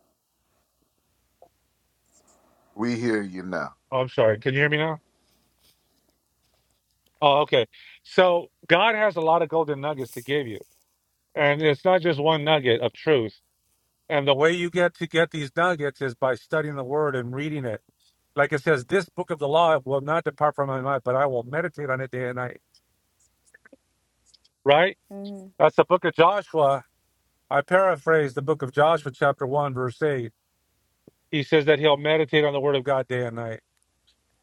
[SPEAKER 1] We hear you now.
[SPEAKER 12] Oh, I'm sorry. Can you hear me now? Oh, okay. So God has a lot of golden nuggets to give you. And it's not just one nugget of truth. And the way you get to get these nuggets is by studying the word and reading it. Like it says, this book of the law will not depart from my mouth, but I will meditate on it day and night. Right?
[SPEAKER 7] Mhm.
[SPEAKER 12] That's the book of Joshua. I paraphrase the book of Joshua, chapter 1, verse 8. He says that he'll meditate on the word of God day and night.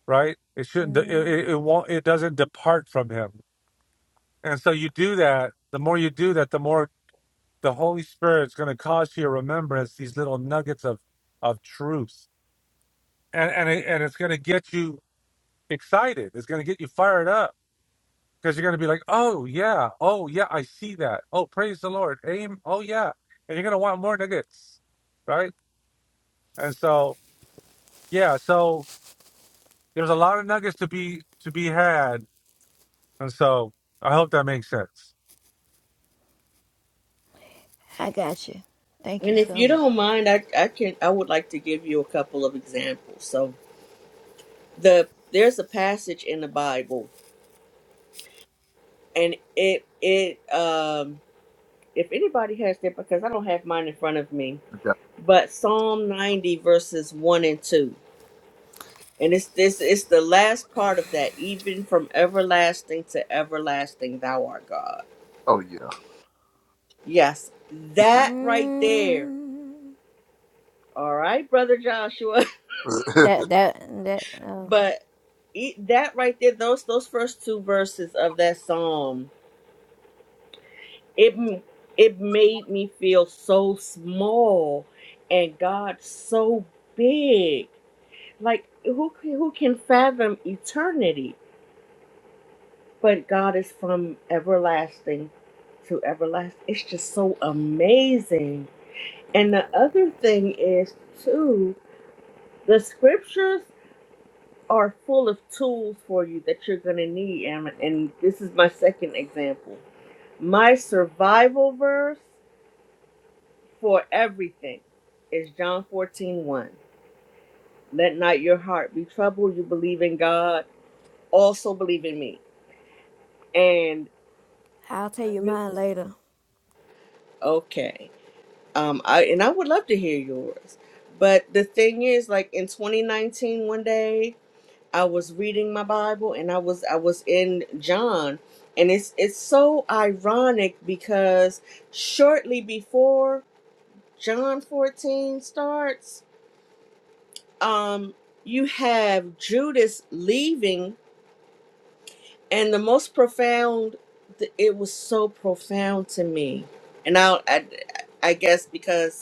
[SPEAKER 12] Right? It shouldn't, it, it, it won't, it doesn't depart from him. And so you do that. The more you do that, the more the Holy Spirit's going to cause to your remembrance these little nuggets of of truth, and and it, and it's going to get you excited. It's going to get you fired up because you're going to be like, oh yeah, oh yeah, I see that. Oh praise the Lord, aim. Oh yeah, and you're going to want more nuggets, right? And so yeah, so there's a lot of nuggets to be to be had, and so I hope that makes sense.
[SPEAKER 7] I got you. Thank you
[SPEAKER 3] And if
[SPEAKER 7] so
[SPEAKER 3] you
[SPEAKER 7] much.
[SPEAKER 3] don't mind, I, I can I would like to give you a couple of examples. So the there's a passage in the Bible and it it um if anybody has that because I don't have mine in front of me,
[SPEAKER 1] Yeah.
[SPEAKER 3] but Psalm ninety verses one and two. And it's this it's the last part of that, even from everlasting to everlasting thou art God
[SPEAKER 1] Oh yeah.
[SPEAKER 3] Yes, that right there.
[SPEAKER 7] Mm,
[SPEAKER 3] All right, brother Joshua.
[SPEAKER 7] that that that. Oh,
[SPEAKER 3] But it, that right there, those those first two verses of that psalm, it m- it made me feel so small, and God so big. Like who c- who can fathom eternity? But God is from everlasting to everlasting. It's just so amazing. And the other thing is too the scriptures. are full of tools for you that you're going to need. And, and this is my second example. My survival verse for everything is John fourteen one. Let not your heart be troubled. You believe in God, also believe in me. And
[SPEAKER 7] I'll tell you
[SPEAKER 3] I'm going
[SPEAKER 7] mine
[SPEAKER 3] to.
[SPEAKER 7] later.
[SPEAKER 3] Okay. Um, I, and I would love to hear yours. But the thing is, like in twenty nineteen, one day, I was reading my Bible and I was I was in John and it's it's so ironic because shortly before John 14 starts um you have Judas leaving and the most profound th- it was so profound to me and I I, I guess because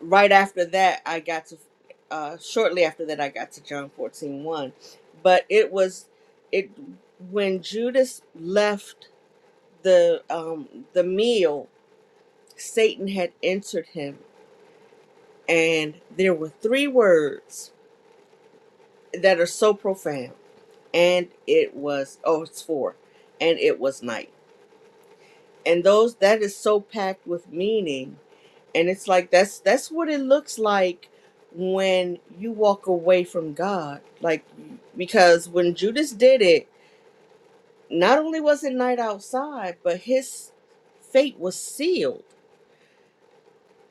[SPEAKER 3] right after that i got to uh shortly after that i got to john fourteen one, but it was it when judas left the um the meal satan had entered him and there were three words that are so profound and it was oh it's four and it was night and those that is so packed with meaning and it's like that's that's what it looks like when you walk away from god like because when judas did it not only was it night outside but his fate was sealed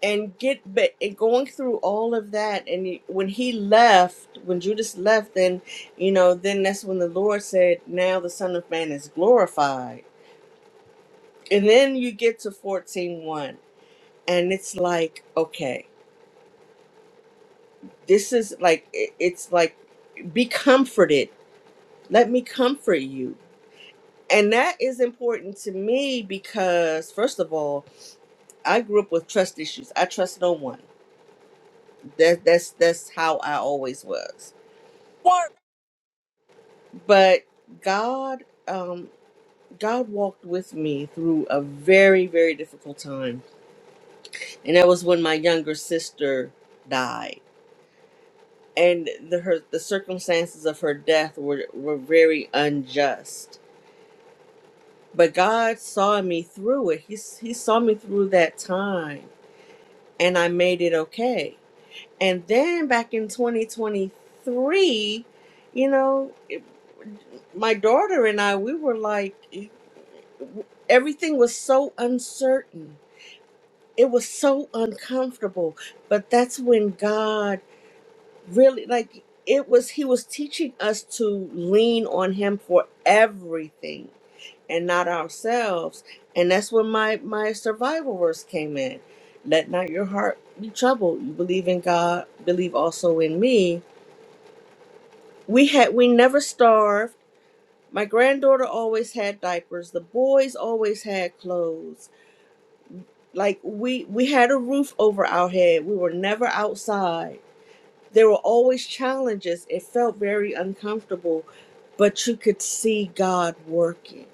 [SPEAKER 3] and get but and going through all of that and he- when he left when judas left then you know then that's when the lord said now the son of man is glorified and then you get to fourteen one, and it's like okay this is like it- it's like be comforted let me comfort you and that is important to me because first of all i grew up with trust issues i trust no one that that's that's how i always was
[SPEAKER 12] What?
[SPEAKER 3] but god um god walked with me through a very very difficult time and that was when my younger sister died and the her the circumstances of her death were were very unjust but God saw me through it. He he saw me through that time, and I made it okay. And then back in 2023, you know, it, my daughter and I, we were like, e, everything was so uncertain. It was so uncomfortable, but that's when God really like it was he was teaching us to lean on him for everything and not ourselves and that's when my my survival verse came in let not your heart be troubled you believe in god believe also in me we had we never starved my granddaughter always had diapers the boys always had clothes like we we had a roof over our head we were never outside there were always challenges. It felt very uncomfortable, but you could see God working.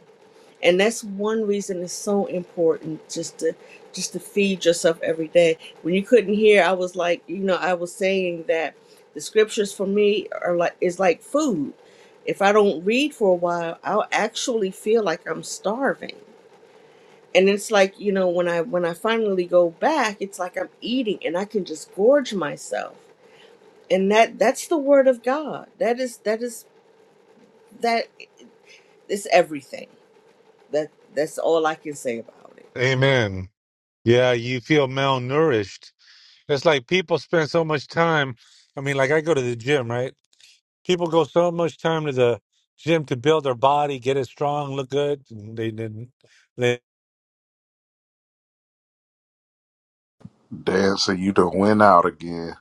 [SPEAKER 3] And that's one reason it's so important just to just to feed yourself every day. When you couldn't hear, I was like, you know, I was saying that the scriptures for me are like is like food. If I don't read for a while, I'll actually feel like I'm starving. And it's like, you know, when I when I finally go back, it's like I'm eating and I can just gorge myself and that that's the word of god that is that is that is everything that that's all i can say about it
[SPEAKER 12] Amen. Yeah, you feel malnourished It's like people spend so much time. I mean, like I go to the gym, right? People go so much time to the gym to build their body, get it strong, look good. and They didn't. They,
[SPEAKER 1] Dancer, you done went out again.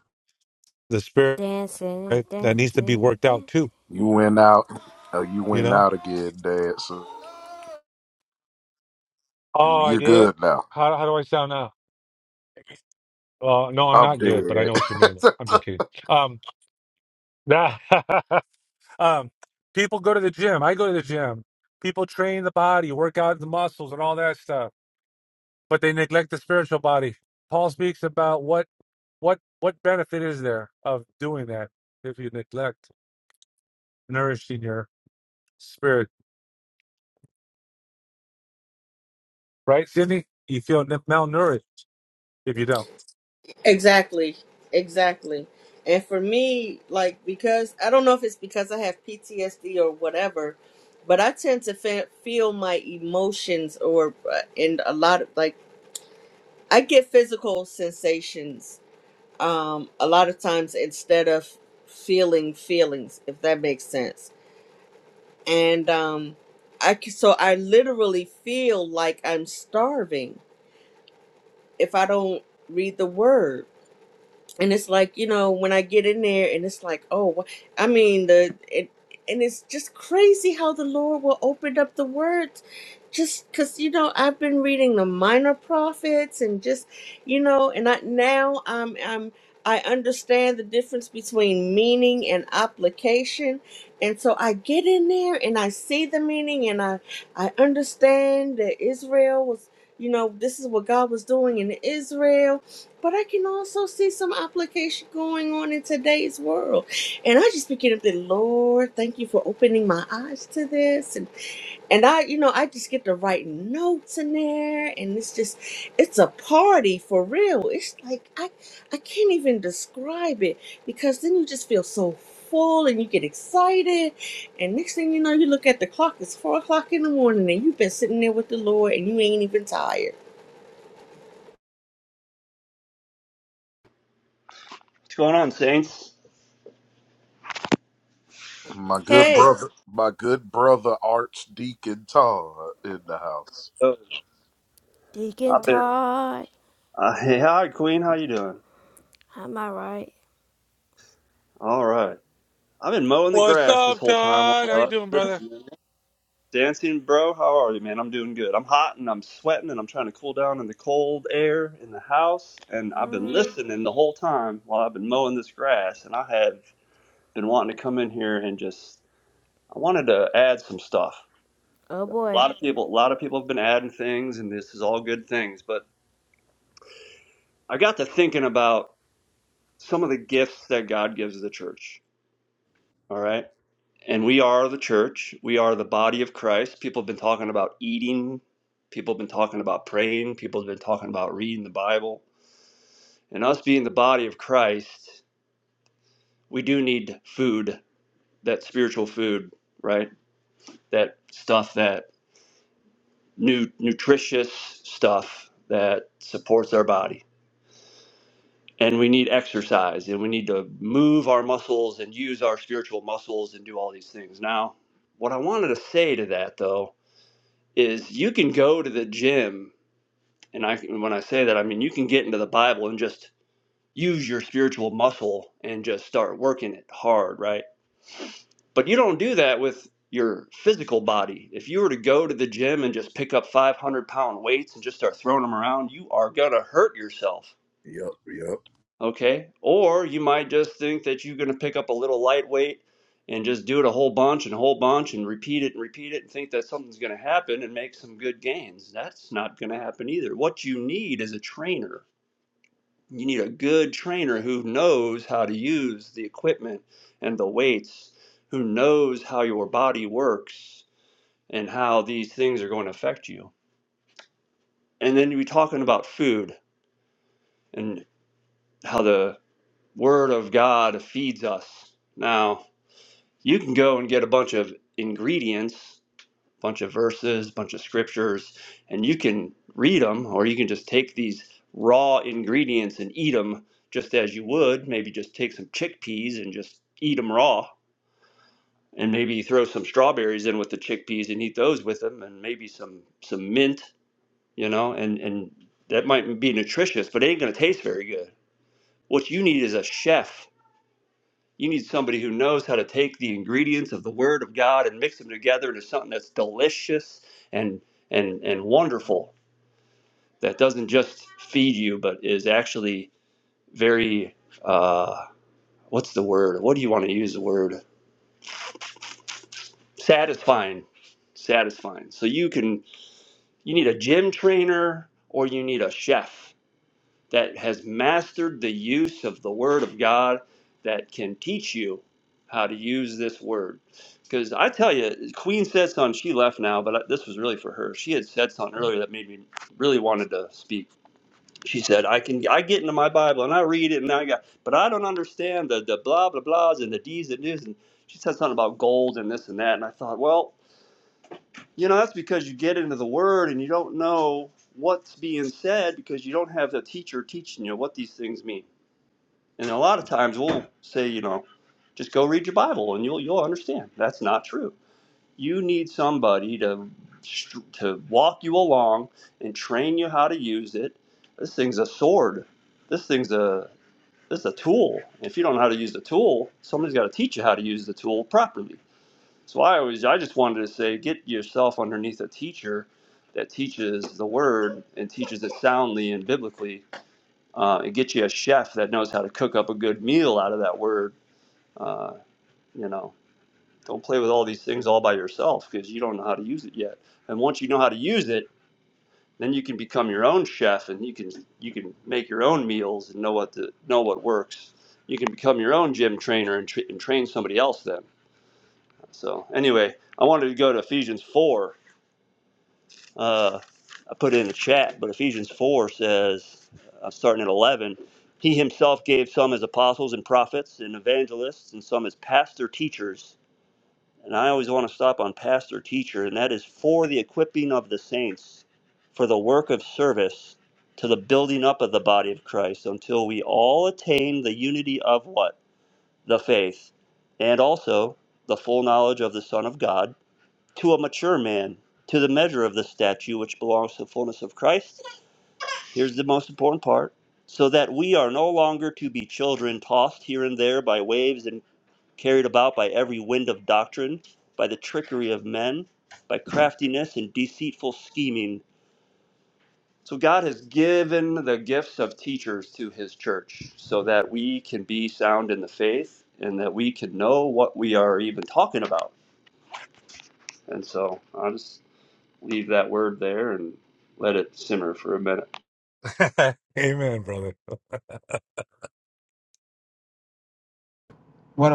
[SPEAKER 12] the spirit
[SPEAKER 7] Dancing,
[SPEAKER 12] right, that needs to be
[SPEAKER 7] dancing,
[SPEAKER 12] worked out
[SPEAKER 7] dancing.
[SPEAKER 12] too.
[SPEAKER 1] You went out oh you
[SPEAKER 12] You
[SPEAKER 1] went
[SPEAKER 12] know.
[SPEAKER 1] out again, Dancer. You-
[SPEAKER 12] Oh, I
[SPEAKER 1] You're
[SPEAKER 12] did.
[SPEAKER 1] good now.
[SPEAKER 12] How how do I sound now? Uh, no, I'm
[SPEAKER 1] I'm
[SPEAKER 12] not good, but I
[SPEAKER 1] dead.
[SPEAKER 12] know what you mean. I'm just kidding. Um, that, um, people go to the gym. I go to the gym. People train the body, work out the muscles, and all that stuff, but they neglect the spiritual body. Paul speaks about what what what benefit is there of doing that if you neglect nourishing your spirit, right, Sydney? You feel n- malnourished if you don't.
[SPEAKER 3] Exactly. Exactly. and for me like because i don't know if it's because i have ptsd or whatever but i tend to fe- feel my emotions or uh, in a lot of like i get physical sensations um, a lot of times instead of feeling feelings if that makes sense and um i c- so i literally feel like i'm starving if i don't read the word and it's like you know when i get in there and it's like oh wha- i mean the it, and it's just crazy how the lord will open up the words just because you know i've been reading the minor prophets and just you know and i now i'm i'm i understand the difference between meaning and application and so i get in there and i see the meaning and i i understand that israel was you know this is what god was doing in israel but I can also see some application going on in today's world. And I just begin up the Lord, thank you for opening my eyes to this. And and I, you know, I just get to write notes in there and it's just it's a party for real. It's like I I can't even describe it because then you just feel so full and you get excited and next thing you know you look at the clock, it's four o'clock in the morning and you've been sitting there with the Lord and you ain't even tired.
[SPEAKER 6] What's going on, Saints?
[SPEAKER 1] my good
[SPEAKER 3] Hey,
[SPEAKER 1] brother my good brother Archdeacon Todd in the house.
[SPEAKER 6] Oh,
[SPEAKER 7] Deacon
[SPEAKER 6] I've been.
[SPEAKER 7] Todd.
[SPEAKER 6] Uh, hey, hi, Queen. How you doing?
[SPEAKER 7] Am I right?
[SPEAKER 6] All right. I've been mowing the
[SPEAKER 12] What's
[SPEAKER 6] grass this
[SPEAKER 12] up,
[SPEAKER 6] whole time. while
[SPEAKER 12] Todd? How you doing, brother?
[SPEAKER 6] Listen, Dancing, bro. How are you, man? I'm doing good. I'm hot and I'm sweating and I'm trying to cool down in the cold air in the house. And I've been
[SPEAKER 7] Mm.
[SPEAKER 6] listening the whole time while I've been mowing this grass. And I have been wanting to come in here and just. I wanted to add some stuff.
[SPEAKER 7] Oh boy.
[SPEAKER 6] A lot of people. A lot of people have been adding things, and this is all good things. But I got to thinking about some of the gifts that God gives the church. All right. And we are the church. We are the body of Christ. People have been talking about eating. People have been talking about praying. People have been talking about reading the Bible. And us being the body of Christ, we do need food, that spiritual food, right? That stuff, that new nutritious stuff that supports our body and we need exercise and we need to move our muscles and use our spiritual muscles and do all these things. Now, what I wanted to say to that though is you can go to the gym and I when I say that I mean you can get into the Bible and just use your spiritual muscle and just start working it hard, right? But you don't do that with your physical body. If you were to go to the gym and just pick up 500 pound weights and just start throwing them around, you are going to hurt yourself
[SPEAKER 1] Yep,
[SPEAKER 6] Okay. Or you might just think that you're going to pick up a little lightweight and just do it a whole bunch and a whole bunch and repeat it and repeat it and think that something's going to happen and make some good gains. That's not going to happen either. What you need is a trainer. You need a good trainer who knows how to use the equipment and the weights, who knows how your body works and how these things are going to affect you. And then you're talking about food and how the Word of God feeds us. Now, you can go and get a bunch of ingredients, a bunch of verses, a bunch of scriptures, and you can read them, or you can just take these raw ingredients and eat them just as you would. Maybe just take some chickpeas and just eat them raw, and maybe throw some strawberries in with the chickpeas and eat those with them, and maybe some some mint, you know, and and that might be nutritious, but it ain't gonna taste very good. What you need is a chef You need somebody who knows how to take the ingredients of the Word of God and mix them together into something that's delicious and and and wonderful. That doesn't just feed you, but is actually very uh, what's the word? What do you want to use the word? Satisfying, satisfying. So you can you need a gym trainer or you need a chef that has mastered the use of the Word of God that can teach you how to use this Word. Because I tell you, Queen said something, she left now, but this was really for her. She had said something earlier that made me really wanted to speak. She said, I can I get into my Bible and I read it and I got but I don't understand the, the blah blah blahs and the D's and news." and she said something about gold and this and that and I thought, well, you know, that's because you get into the word and you don't know what's being said because you don't have the teacher teaching you what these things mean. And a lot of times we'll say, you know, just go read your Bible and you'll you'll understand. That's not true. You need somebody to to walk you along and train you how to use it. This thing's a sword. This thing's a this is a tool. If you don't know how to use the tool, somebody's got to teach you how to use the tool properly. So I always, I just wanted to say, get yourself underneath a teacher that teaches the word and teaches it soundly and biblically, uh, and get you a chef that knows how to cook up a good meal out of that word. Uh, you know, don't play with all these things all by yourself because you don't know how to use it yet. And once you know how to use it, then you can become your own chef and you can you can make your own meals and know what to, know what works. You can become your own gym trainer and, tra- and train somebody else then. So anyway, I wanted to go to Ephesians 4 uh, I put it in the chat, but Ephesians 4 says, I'm starting at 11, he himself gave some as apostles and prophets and evangelists and some as pastor teachers. And I always want to stop on pastor teacher, and that is for the equipping of the saints, for the work of service to the building up of the body of Christ until we all attain the unity of what? The faith and also the full knowledge of the Son of God to a mature man, to the measure of the statue which belongs to the fullness of Christ. Here's the most important part so that we are no longer to be children tossed here and there by waves and carried about by every wind of doctrine, by the trickery of men, by craftiness and deceitful scheming. So, God has given the gifts of teachers to His church so that we can be sound in the faith and that we can know what we are even talking about. And so, I'm leave that word there and let it simmer for a minute.
[SPEAKER 12] Amen, brother.
[SPEAKER 11] What?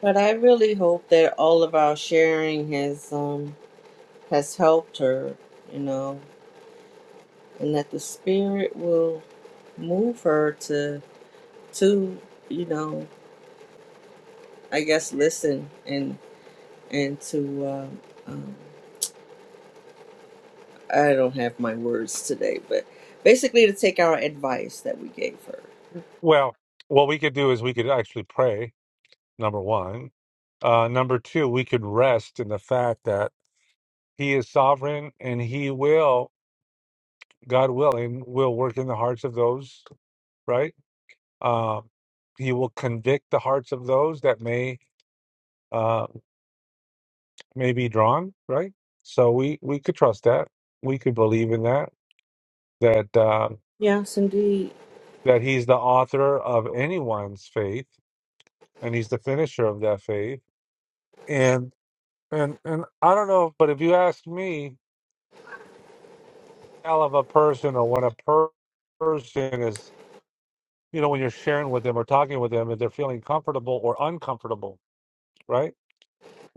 [SPEAKER 3] But I really hope that all of our sharing has um has helped her, you know, and that the spirit will move her to to you know I guess listen and and to um, um, I don't have my words today, but basically to take our advice that we gave her.
[SPEAKER 12] Well, what we could do is we could actually pray. Number one. Uh, number two, we could rest in the fact that He is sovereign and He will, God willing, will work in the hearts of those, right? Um, he will convict the hearts of those that may. uh, may be drawn, right? So we we could trust that. We could believe in that that uh,
[SPEAKER 3] Yes, indeed.
[SPEAKER 12] that he's the author of anyone's faith, and he's the finisher of that faith. And and and I don't know, but if you ask me, hell of a person or when a per- person is, you know, when you're sharing with them or talking with them, if they're feeling comfortable or uncomfortable, right?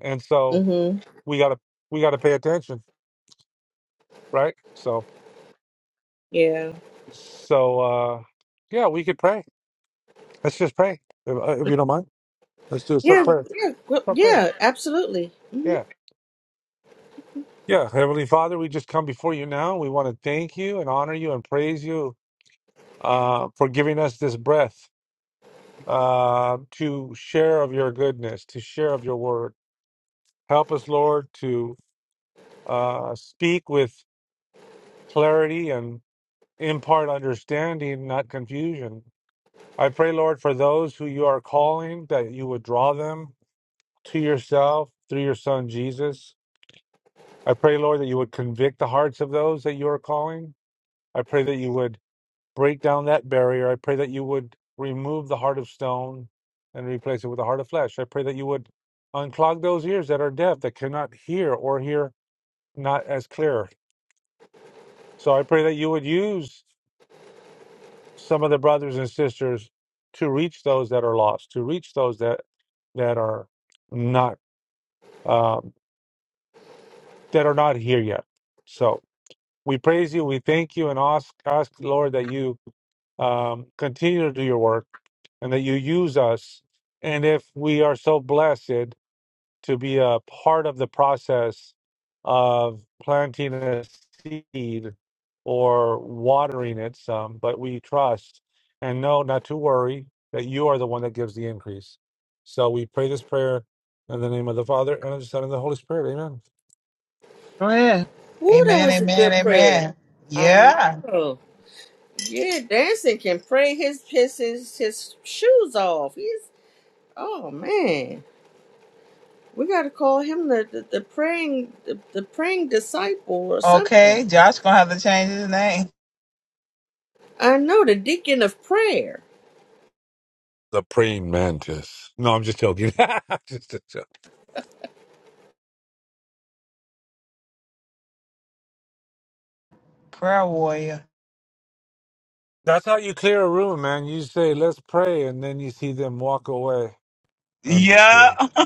[SPEAKER 12] And so
[SPEAKER 3] Mhm.
[SPEAKER 12] we gotta we gotta pay attention, right? So
[SPEAKER 3] Yeah.
[SPEAKER 12] so uh, yeah, we could pray Let's just pray, if, uh, if you don't mind. Let's do a short
[SPEAKER 3] Yeah.
[SPEAKER 12] prayer.
[SPEAKER 3] Yeah. well,
[SPEAKER 12] Short prayer.
[SPEAKER 3] Yeah. Absolutely. Mhm.
[SPEAKER 12] Yeah. Yeah. Heavenly Father, we just come before you now. We want to thank you and honor you and praise you uh, for giving us this breath uh, to share of your goodness, to share of your word. Help us, Lord, to uh, speak with clarity and impart understanding, not confusion. I pray, Lord, for those who you are calling, that you would draw them to yourself through your son Jesus I pray, Lord, that you would convict the hearts of those that you are calling. I pray that you would break down that barrier. I pray that you would remove the heart of stone and replace it with a heart of flesh. I pray that you would unclog those ears that are deaf, that cannot hear or hear not as clear. So I pray that you would use some of the brothers and sisters to reach those that are lost, to reach those that that are not um, that are not here yet. So we praise you, we thank you, and ask ask Lord that you um, continue to do your work and that you use us. And if we are so blessed to be a part of the process of planting a seed or watering it some, but we trust and know not to worry that you are the one that gives the increase. So we pray this prayer in the name of the Father and of the Son and of the Holy Spirit. Amen.
[SPEAKER 11] Go ahead.
[SPEAKER 3] Ooh, that
[SPEAKER 11] Amen,
[SPEAKER 3] was a
[SPEAKER 11] amen,
[SPEAKER 3] good prayer.
[SPEAKER 11] amen.
[SPEAKER 3] I
[SPEAKER 11] Yeah.
[SPEAKER 3] know. Yeah, dancing can pray his his his, his shoes off. He's oh man, we got to call him the, the, the praying the, the praying disciple or
[SPEAKER 11] Okay,
[SPEAKER 3] something.
[SPEAKER 11] Josh gonna have to change his name.
[SPEAKER 3] I know the deacon of prayer.
[SPEAKER 12] The praying mantis. No, I'm just joking. just a joke.
[SPEAKER 11] Prayer warrior.
[SPEAKER 12] That's how you clear a room, man. You say, let's pray, and then you see them walk away. I'm just
[SPEAKER 11] Yeah.
[SPEAKER 12] kidding.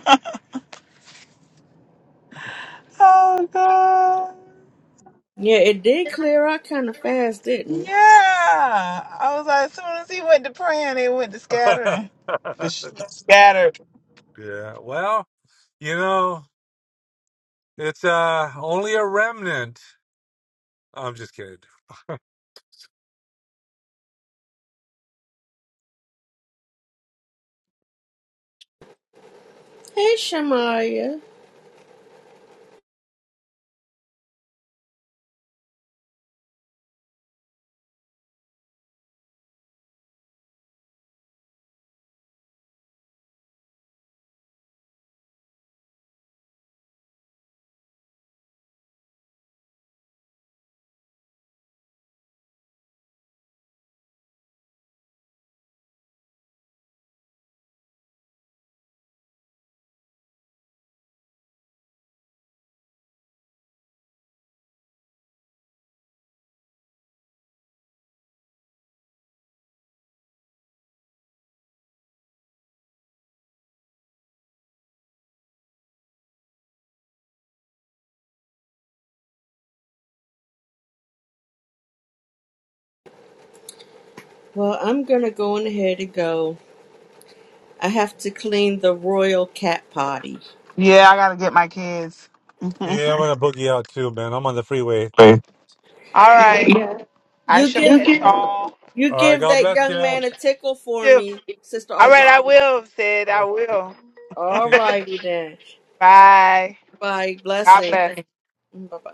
[SPEAKER 11] Oh God.
[SPEAKER 3] Yeah, it did clear out kind of fast, didn't
[SPEAKER 11] Yeah.
[SPEAKER 3] it?
[SPEAKER 11] I was like, as soon as he went to praying, they went to
[SPEAKER 12] yeah.
[SPEAKER 11] scattering. The sh- scattered.
[SPEAKER 12] Well, you know, it's uh only a remnant. I'm just kidding.
[SPEAKER 3] Hey, Shamaya. Well, I'm gonna go on ahead and go. I have to clean the royal cat potty.
[SPEAKER 11] Yeah, I gotta get my kids.
[SPEAKER 12] Yeah, I'm gonna boogie out too, man. I'm on the freeway.
[SPEAKER 11] All
[SPEAKER 3] Yeah,
[SPEAKER 11] right. Yeah. I
[SPEAKER 3] you
[SPEAKER 11] shall You
[SPEAKER 3] give
[SPEAKER 11] catch can
[SPEAKER 3] you
[SPEAKER 12] All right,
[SPEAKER 3] give
[SPEAKER 12] God
[SPEAKER 3] that
[SPEAKER 12] bless you.
[SPEAKER 3] young
[SPEAKER 12] All
[SPEAKER 3] man a tickle for me, Sister
[SPEAKER 11] All All right,
[SPEAKER 3] August.
[SPEAKER 11] I will, Said I
[SPEAKER 12] right,
[SPEAKER 11] will.
[SPEAKER 3] All
[SPEAKER 12] okay.
[SPEAKER 3] righty then.
[SPEAKER 11] Bye.
[SPEAKER 3] Bye.
[SPEAKER 11] God
[SPEAKER 3] Blessings.
[SPEAKER 11] bless.
[SPEAKER 3] Bye bye.